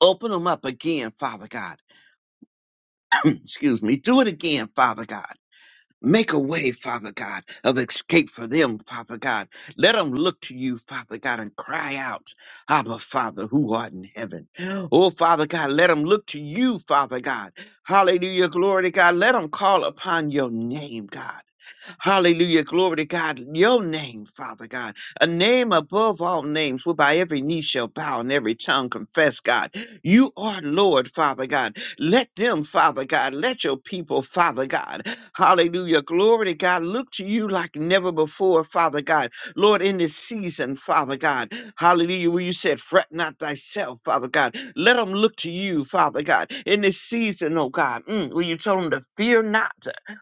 Speaker 5: Open them up again, Father God. (clears throat) Excuse me. Do it again, Father God. Make a way, Father God, of escape for them, Father God. Let them look to you, Father God, and cry out, Abba, Father, who art in heaven. Oh, Father God, let them look to you, Father God. Hallelujah. Glory to God. Let them call upon your name, God. Hallelujah. Glory to God. Your name, Father God, a name above all names, whereby every knee shall bow and every tongue confess, God. You are Lord, Father God. Let them, Father God, let your people, Father God. Hallelujah. Glory to God. Look to you like never before, Father God. Lord, in this season, Father God. Hallelujah. Where you said, fret not thyself, Father God. Let them look to you, Father God, in this season, oh God, mm, where you told them to fear not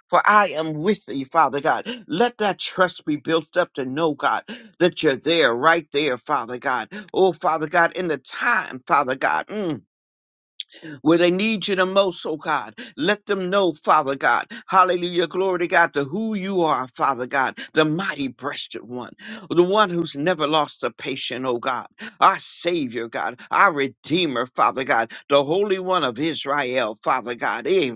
Speaker 5: for I am with thee, Father God. Let that trust be built up to know, God, that you're there, right there, Father God. Oh, Father God, in the time, Father God. mm, where they need you the most, oh God. Let them know, Father God, hallelujah, glory to God, to who you are, Father God, the mighty breasted one, the one who's never lost a patient, oh God, our Savior, God, our Redeemer, Father God, the Holy One of Israel, Father God. Eh,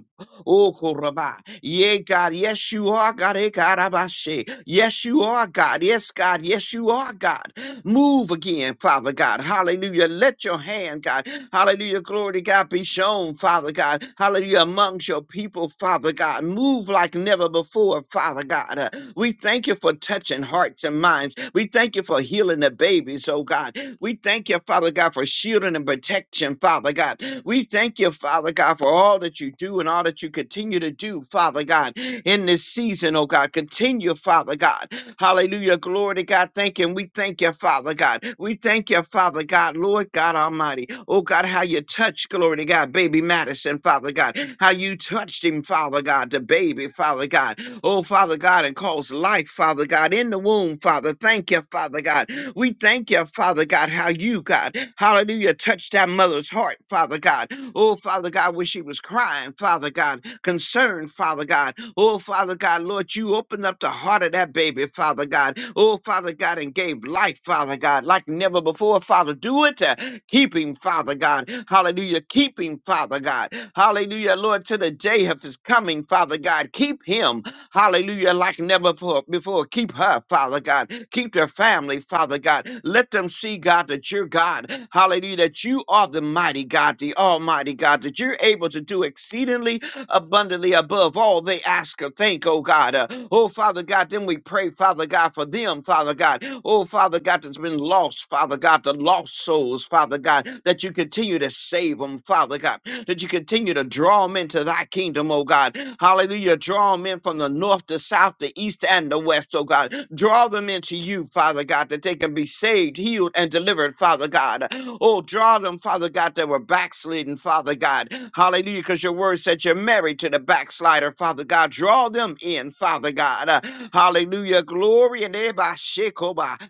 Speaker 5: Oh, Koraba. Yeah, God. Yes, you are God. Eh, Karabashe. Yes, you are God. Yes, God. Yes, you are God. Move again, Father God. Hallelujah. Let your hand, God. Hallelujah. Glory to God be shown, Father God. Hallelujah. Amongst your people, Father God. Move like never before, Father God. Uh, We thank you for touching hearts and minds. We thank you for healing the babies, oh God. We thank you, Father God, for shielding and protection, Father God. We thank you, Father God, for all that you do and all that you continue to do, Father God, in this season, oh God. Continue, Father God. Hallelujah. Glory to God. Thank you. And we thank you, Father God. We thank you, Father God, Lord God Almighty. Oh God, how you touched, glory to God, baby Madison, Father God. How you touched him, Father God, the baby, Father God. Oh, Father God, and caused life, Father God, in the womb, Father. Thank you, Father God. We thank you, Father God, how you, God, hallelujah, touched that mother's heart, Father God. Oh, Father God, when she was crying, Father God concern, Father God. Oh, Father God, Lord, you opened up the heart of that baby, Father God. Oh, Father God, and gave life, Father God, like never before, Father. Do it to keep him, Father God. Hallelujah. Keep him, Father God. Hallelujah, Lord, to the day of his coming, Father God. Keep him, hallelujah, like never before. before. Keep her, Father God. Keep their family, Father God. Let them see, God, that you're God. Hallelujah, that you are the mighty God, the almighty God, that you're able to do exceedingly abundantly above all they ask or think, oh God. Uh, oh, Father God, then we pray, Father God, for them, Father God. Oh, Father God, that's been lost, Father God, the lost souls, Father God, that you continue to save them, Father God, that you continue to draw them into thy kingdom, oh God. Hallelujah. Draw them in from the north, the south, the east, and the in the West, oh God. Draw them into you, Father God, that they can be saved, healed, and delivered, Father God. Oh, draw them, Father God, that were backslidden, Father God. Hallelujah, because your word said you're married to the backslider, Father God. Draw them in, Father God. Uh, Hallelujah, glory and everybody.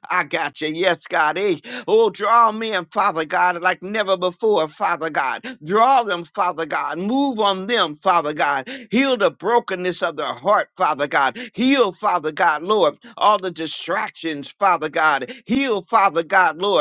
Speaker 5: I got you. Yes, God. eh, Oh, draw men, Father God, like never before, Father God. Draw them, Father God. Move on them, Father God. Heal the brokenness of their heart, Father God. Heal, Father God, Lord, all the distractions, Father God. Heal, Father God, Lord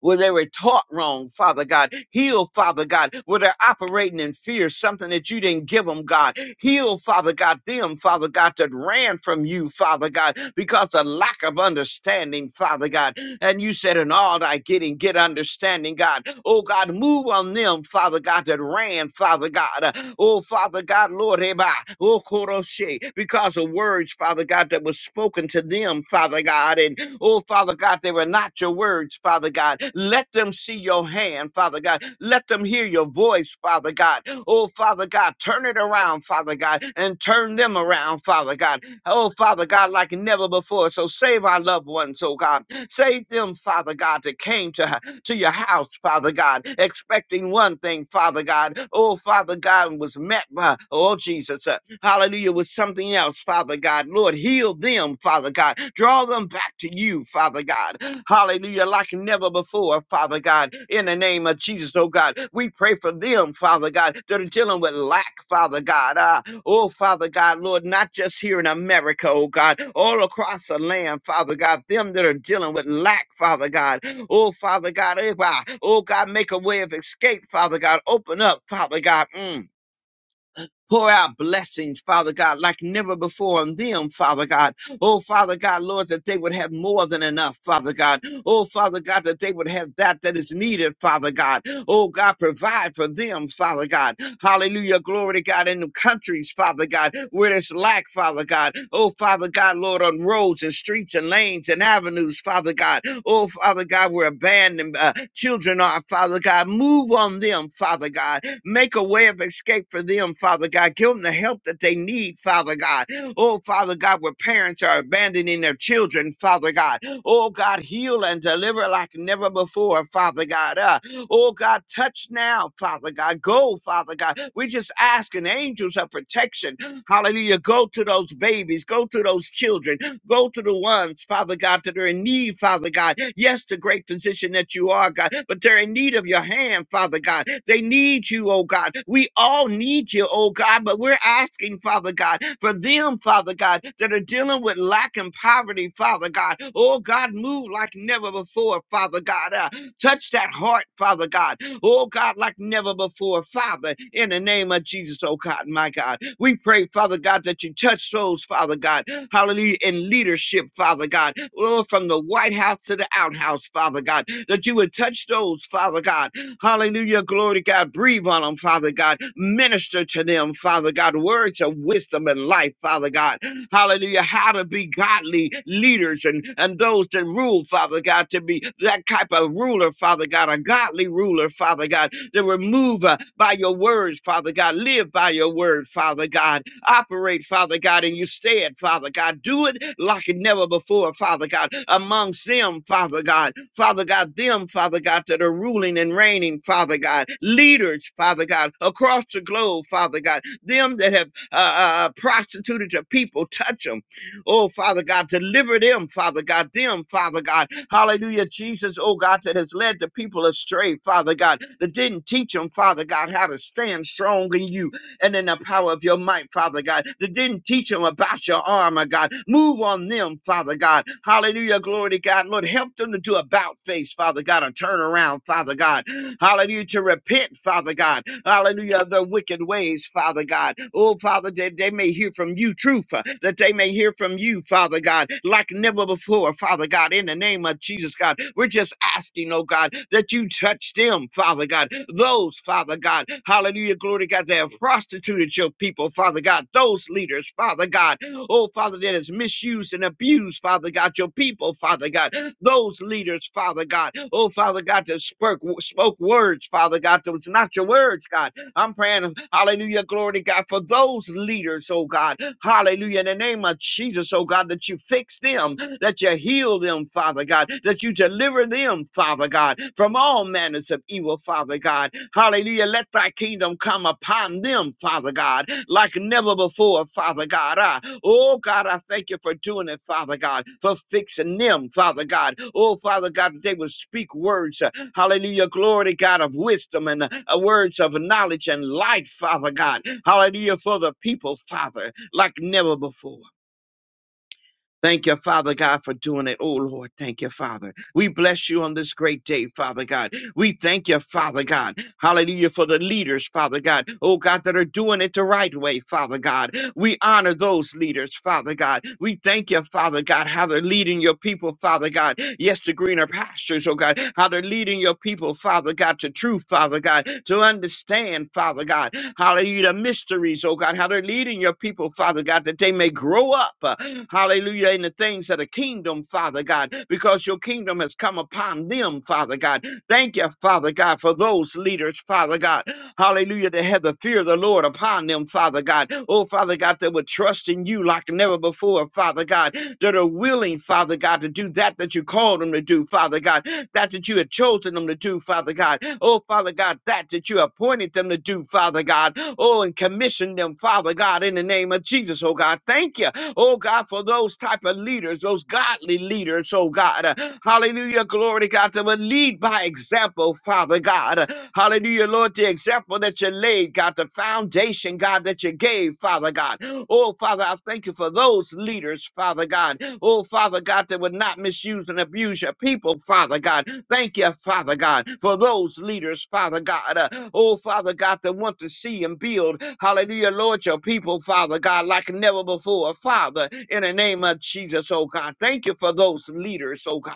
Speaker 5: where they were taught wrong, Father God. Heal, Father God, where they're operating in fear, something that you didn't give them, God. Heal, Father God, them, Father God, that ran from you, Father God, because of lack of understanding, Father God. And you said, in all thy getting, get understanding, God. Oh, God, move on them, Father God, that ran, Father God. Uh, Oh, Father God, Lord, Eba, oh, Koroshe, because of words, Father God, that was spoken to them, Father God. and. Oh, Father God, they were not your words, Father God. Let them see your hand, Father God. Let them hear your voice, Father God. Oh, Father God, turn it around, Father God, and turn them around, Father God. Oh, Father God, like never before. So save our loved ones, oh God. Save them, Father God, that came to to your house, Father God, expecting one thing, Father God. Oh, Father God, was met by, oh, Jesus, uh, hallelujah, with something else, Father God. Lord, heal them, Father God. Draw them back to you, Father God. Hallelujah, like never before, Father God. In the name of Jesus, oh God, we pray for them, Father God, that are dealing with lack, Father God. Ah, oh, Father God, Lord, not just here in America, oh God, all across the land, Father God, them that are dealing with lack, Father God. Oh, Father God, eh, oh God, make a way of escape, Father God. Open up, Father God. Mm. Pour out blessings, Father God, like never before on them, Father God. Oh, Father God, Lord, that they would have more than enough, Father God. Oh, Father God, that they would have that that is needed, Father God. Oh, God, provide for them, Father God. Hallelujah. Glory to God in the countries, Father God, where there's lack, Father God. Oh, Father God, Lord, on roads and streets and lanes and avenues, Father God. Oh, Father God, where abandoned uh, children are, Father God. Move on them, Father God. Make a way of escape for them, Father God. Give them the help that they need, Father God. Oh, Father God, where parents are abandoning their children, Father God. Oh, God, heal and deliver like never before, Father God. Uh, oh, God, touch now, Father God. Go, Father God. We just ask an angels of protection Hallelujah. Go to those babies. Go to those children. Go to the ones, Father God, that are in need, Father God. Yes, the great physician that you are, God, but they're in need of your hand, Father God. They need you, oh God. We all need you, oh God, but we're asking, Father God, for them, Father God, that are dealing with lack and poverty, Father God. Oh God, move like never before, Father God. Uh, Touch that heart, Father God. Oh God, like never before, Father, in the name of Jesus, oh God, my God. We pray, Father God, that you touch souls, Father God. Hallelujah. In leadership, Father God. Lord, from the White House to the outhouse, Father God. That you would touch those, Father God. Hallelujah. Glory to God. Breathe on them, Father God. Minister to them, Father God. Words of wisdom and life, Father God hallelujah, how to be godly leaders and, and those that rule, Father God, to be that type of ruler, Father God, a godly ruler, Father God, to remove uh, by your words, Father God, live by your word, Father God, operate, Father God, and you say it, Father God, do it like it never before, Father God, amongst them, Father God, Father God, them, Father God, that are ruling and reigning, Father God, leaders, Father God, across the globe, Father God, them that have uh, uh, uh, prostituted your people. Touch them. Oh, Father God, deliver them, Father God, them, Father God. Hallelujah, Jesus, oh God, that has led the people astray, Father God, that didn't teach them, Father God, how to stand strong in you and in the power of your might, Father God, that didn't teach them about your armor, God. Move on them, Father God. Hallelujah, glory to God. Lord, help them to do about face, Father God, a turn around, Father God. Hallelujah, to repent, Father God. Hallelujah, of their wicked ways, Father God. Oh, Father, that they may hear from you truth, uh, that they may they may hear from you, Father God, like never before, Father God, in the name of Jesus, God. We're just asking, oh God, that you touch them, Father God. Those, Father God, hallelujah, glory to God, that have prostituted your people, Father God. Those leaders, Father God, oh Father, that has misused and abused, Father God, your people, Father God. Those leaders, Father God, oh Father God, that spoke, spoke words, Father God, that was not your words, God. I'm praying, hallelujah, glory to God, for those leaders, oh God, hallelujah, in the name of Jesus, oh God, that you fix them, that you heal them, Father God, that you deliver them, Father God, from all manners of evil, Father God, hallelujah, let thy kingdom come upon them, Father God, like never before, Father God. Ah, oh, God, I thank you for doing it, Father God, for fixing them, Father God. Oh, Father God, that they will speak words, Hallelujah. Glory to God of wisdom and uh, uh, words of knowledge and light, Father God. Hallelujah for the people, Father, like never before. Thank you, Father God, for doing it. Oh, Lord, thank you, Father. We bless you on this great day, Father God. We thank you, Father God. Hallelujah for the leaders, Father God. Oh, God, that are doing it the right way, Father God. We honor those leaders, Father God. We thank you, Father God, how they're leading your people, Father God. Yes, to greener pastures, oh God. How they're leading your people, Father God, to truth, Father God, to understand, Father God. Hallelujah, the mysteries, oh God. How they're leading your people, Father God, that they may grow up. uh, Hallelujah, in the things of the kingdom, Father God, because your kingdom has come upon them, Father God. Thank you, Father God, for those leaders, Father God. Hallelujah, that have the fear of the Lord upon them, Father God. Oh, Father God, that would trust in you like never before, Father God, that are willing, Father God, to do that that you called them to do, Father God, that that you had chosen them to do, Father God. Oh, Father God, that that you appointed them to do, Father God. Oh, and commissioned them, Father God, in the name of Jesus, oh God. Thank you, oh God, for those type of leaders, those godly leaders, oh God. Uh, hallelujah, glory to God, to lead by example, Father God. Hallelujah, Lord, the example that you laid, God, the foundation, God, that you gave, Father God. Oh, Father, I thank you for those leaders, Father God. Oh, Father God, that would not misuse and abuse your people, Father God. Thank you, Father God, for those leaders, Father God. Uh, oh, Father God, that want to see and build, hallelujah, Lord, your people, Father God, like never before. Father, in the name of Jesus, oh God, thank you for those leaders, oh God.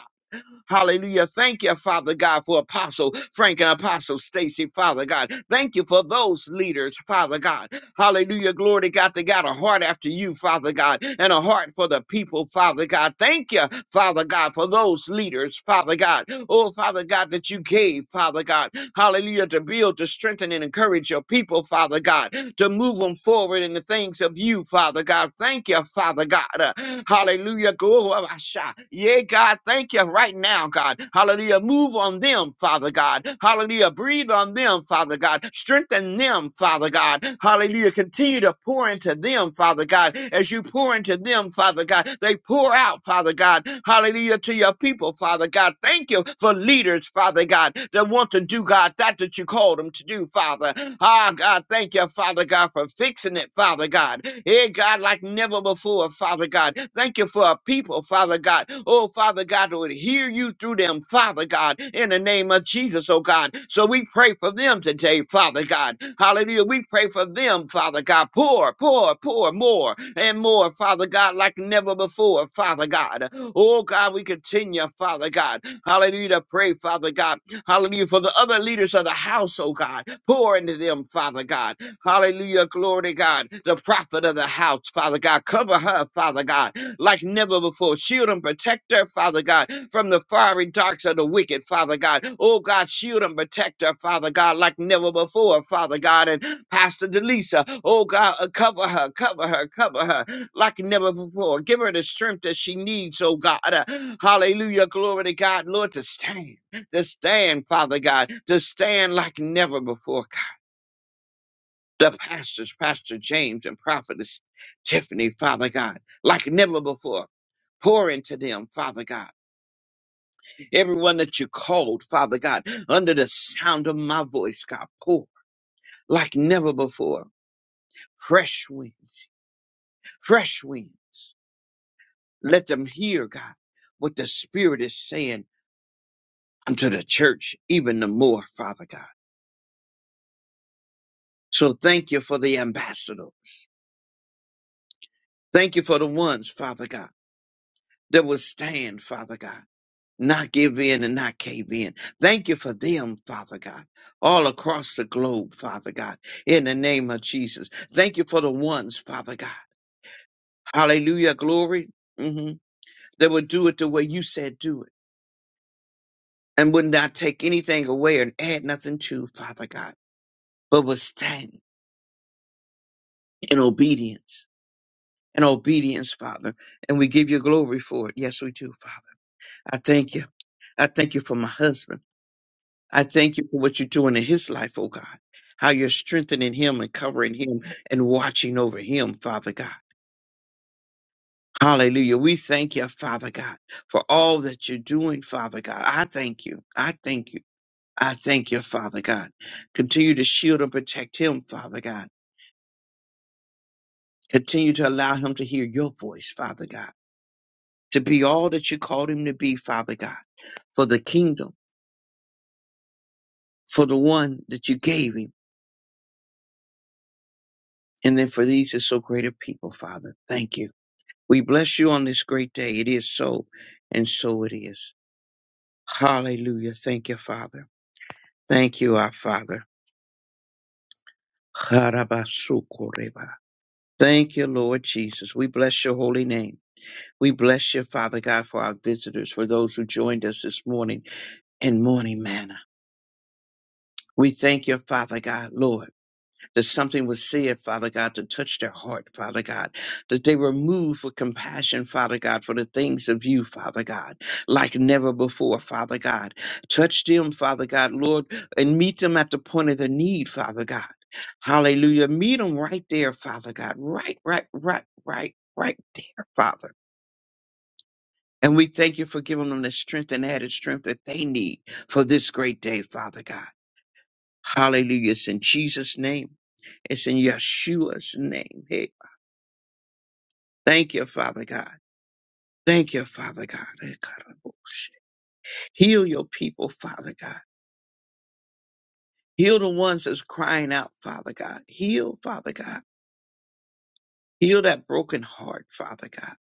Speaker 5: Hallelujah. Thank you, Father God, for Apostle Frank and Apostle Stacy, Father God. Thank you for those leaders, Father God. Hallelujah. Glory to God. They got a heart after you, Father God, and a heart for the people, Father God. Thank you, Father God, for those leaders, Father God. Oh, Father God, that you gave, Father God. Hallelujah. To build, to strengthen, and encourage your people, Father God, to move them forward in the things of you, Father God. Thank you, Father God. Uh, Hallelujah. Go, oh, I shout. Yeah, God, thank you right now now, God. Hallelujah. Move on them, Father God. Hallelujah. Breathe on them, Father God. Strengthen them, Father God. Hallelujah. Continue to pour into them, Father God. As you pour into them, Father God, they pour out, Father God. Hallelujah to your people, Father God. Thank you for leaders, Father God, that want to do, God, that that you called them to do, Father. Ah, God, thank you, Father God, for fixing it, Father God. Hey, God, like never before, Father God. Thank you for a people, Father God. Oh, Father God, would hear you through them, Father God, in the name of Jesus, oh God. So we pray for them today, Father God. Hallelujah. We pray for them, Father God. Pour, pour, pour more and more, Father God, like never before, Father God. Oh, God, we continue, Father God. Hallelujah. to Pray, Father God. Hallelujah. For the other leaders of the house, oh God. Pour into them, Father God. Hallelujah. Glory to God. The prophet of the house, Father God. Cover her, Father God, like never before. Shield and protect her, Father God, from the fiery darts of the wicked, Father God. Oh God, shield and protect her, Father God, like never before, Father God. And Pastor Delisa, oh God, uh, cover her, cover her, cover her like never before. Give her the strength that she needs, oh God. Uh, Hallelujah. Glory to God, Lord, to stand to stand, Father God, to stand like never before the pastors, Pastor James and Prophetess Tiffany, Father God, like never before. Pour into them, Father God. Everyone that you called, Father God, under the sound of my voice, God, pour like never before. Fresh winds, fresh winds. Let them hear, God, what the Spirit is saying unto the church, even the more, Father God. So thank you for the ambassadors. Thank you for the ones, Father God, that will stand, Father God. not give in and not cave in. Thank you for them, Father God, all across the globe, Father God, in the name of Jesus. Thank you for the ones, Father God. Hallelujah, glory. hmm That would do it the way you said do it and would not take anything away and add nothing to, Father God, but would stand in obedience. In obedience, Father, and we give you glory for it. Yes, we do, Father. I thank you. I thank you for my husband. I thank you for what you're doing in his life, oh God. How you're strengthening him and covering him and watching over him, Father God. Hallelujah. We thank you, Father God, for all that you're doing, Father God. I thank you. I thank you. I thank you, Father God. Continue to shield and protect him, Father God. Continue to allow him to hear your voice, Father God, to be all that you called him to be, Father God, for the kingdom, for the one that you gave him, and then for these are so great a people, Father. Thank you. We bless you on this great day. It is so, and so it is. Hallelujah. Thank you, Father. Thank you, our Father. Harabasukoreba. Thank you, Lord Jesus. We bless your holy name. We bless you, Father God, for our visitors, for those who joined us this morning in morning manner. We thank you, Father God, Lord. that something was said, Father God, to touch their heart, Father God, that they were moved with compassion, Father God, for the things of you, Father God, like never before, Father God. Touch them, Father God, Lord, and meet them at the point of the need, Father God. Hallelujah. Meet them right there, Father God. Right, right, right, right, right there, Father. And we thank you for giving them the strength and added strength that they need for this great day, Father God. Hallelujah. It's in Jesus' name. It's in Yeshua's name. Hey, thank you, Father God. Thank you, Father God. Hey, God. Heal your people, Father God. Heal the ones that's crying out, Father God. Heal, Father God. Heal that broken heart, Father God.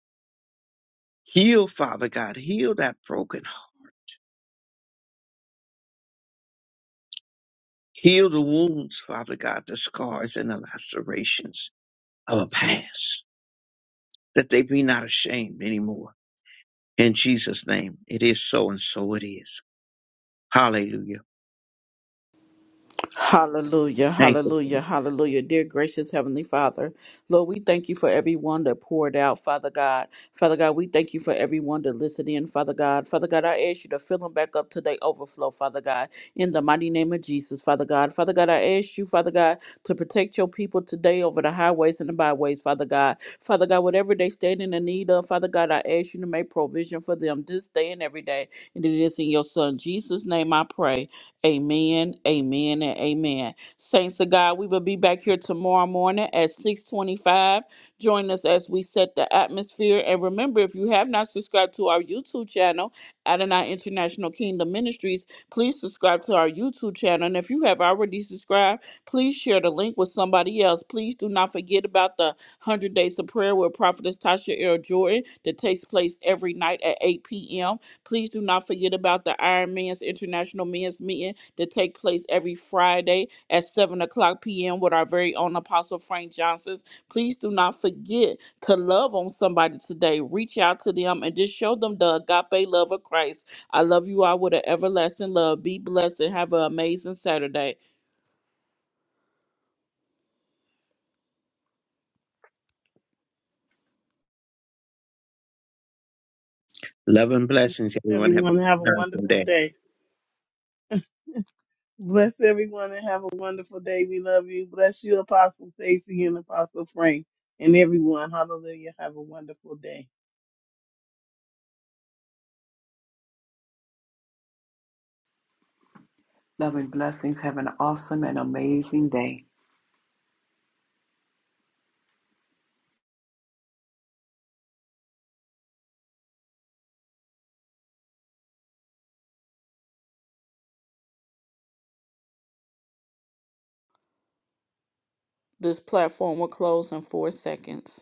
Speaker 5: Heal, Father God. Heal that broken heart. Heal the wounds, Father God, the scars and the lacerations of a past, that they be not ashamed anymore. In Jesus' name, it is so and so it is. Hallelujah.
Speaker 1: Hallelujah,
Speaker 5: Thank you.
Speaker 1: hallelujah, hallelujah. Dear gracious Heavenly Father, Lord, we thank you for everyone that poured out, Father God. Father God, we thank you for everyone that listened in, Father God. Father God, I ask you to fill them back up to their overflow, Father God, in the mighty name of Jesus, Father God. Father God, I ask you, Father God, to protect your people today over the highways and the byways, Father God. Father God, whatever they stand in the need of, Father God, I ask you to make provision for them this day and every day. And it is in your Son, Jesus' name, I pray. Amen, amen, and amen. Saints of God, we will be back here tomorrow morning at 625. Join us as we set the atmosphere. And remember, if you have not subscribed to our YouTube channel, Adonai International Kingdom Ministries, please subscribe to our YouTube channel. And if you have already subscribed, please share the link with somebody else. Please do not forget about the 100 Days of Prayer with Prophetess Tasha L. Jordan that takes place every night at 8 p.m. Please do not forget about the Iron Man's International Men's Meeting that take place every Friday at 7 o'clock p.m. with our very own Apostle Frank Johnson. Please do not forget to love on somebody today. Reach out to them and just show them the agape love of Christ. I love you all with an everlasting love. Be blessed and have an amazing Saturday.
Speaker 5: Love and blessings, everyone. Have a
Speaker 4: Everyone have a
Speaker 5: wonderful
Speaker 4: wonderful
Speaker 5: day.
Speaker 4: day. Bless everyone and have a wonderful day. We love you. Bless you, Apostle Stacy and Apostle Frank and everyone. Hallelujah. Have a wonderful day.
Speaker 3: Love and blessings. Have an awesome and amazing day.
Speaker 1: This platform will close in four seconds.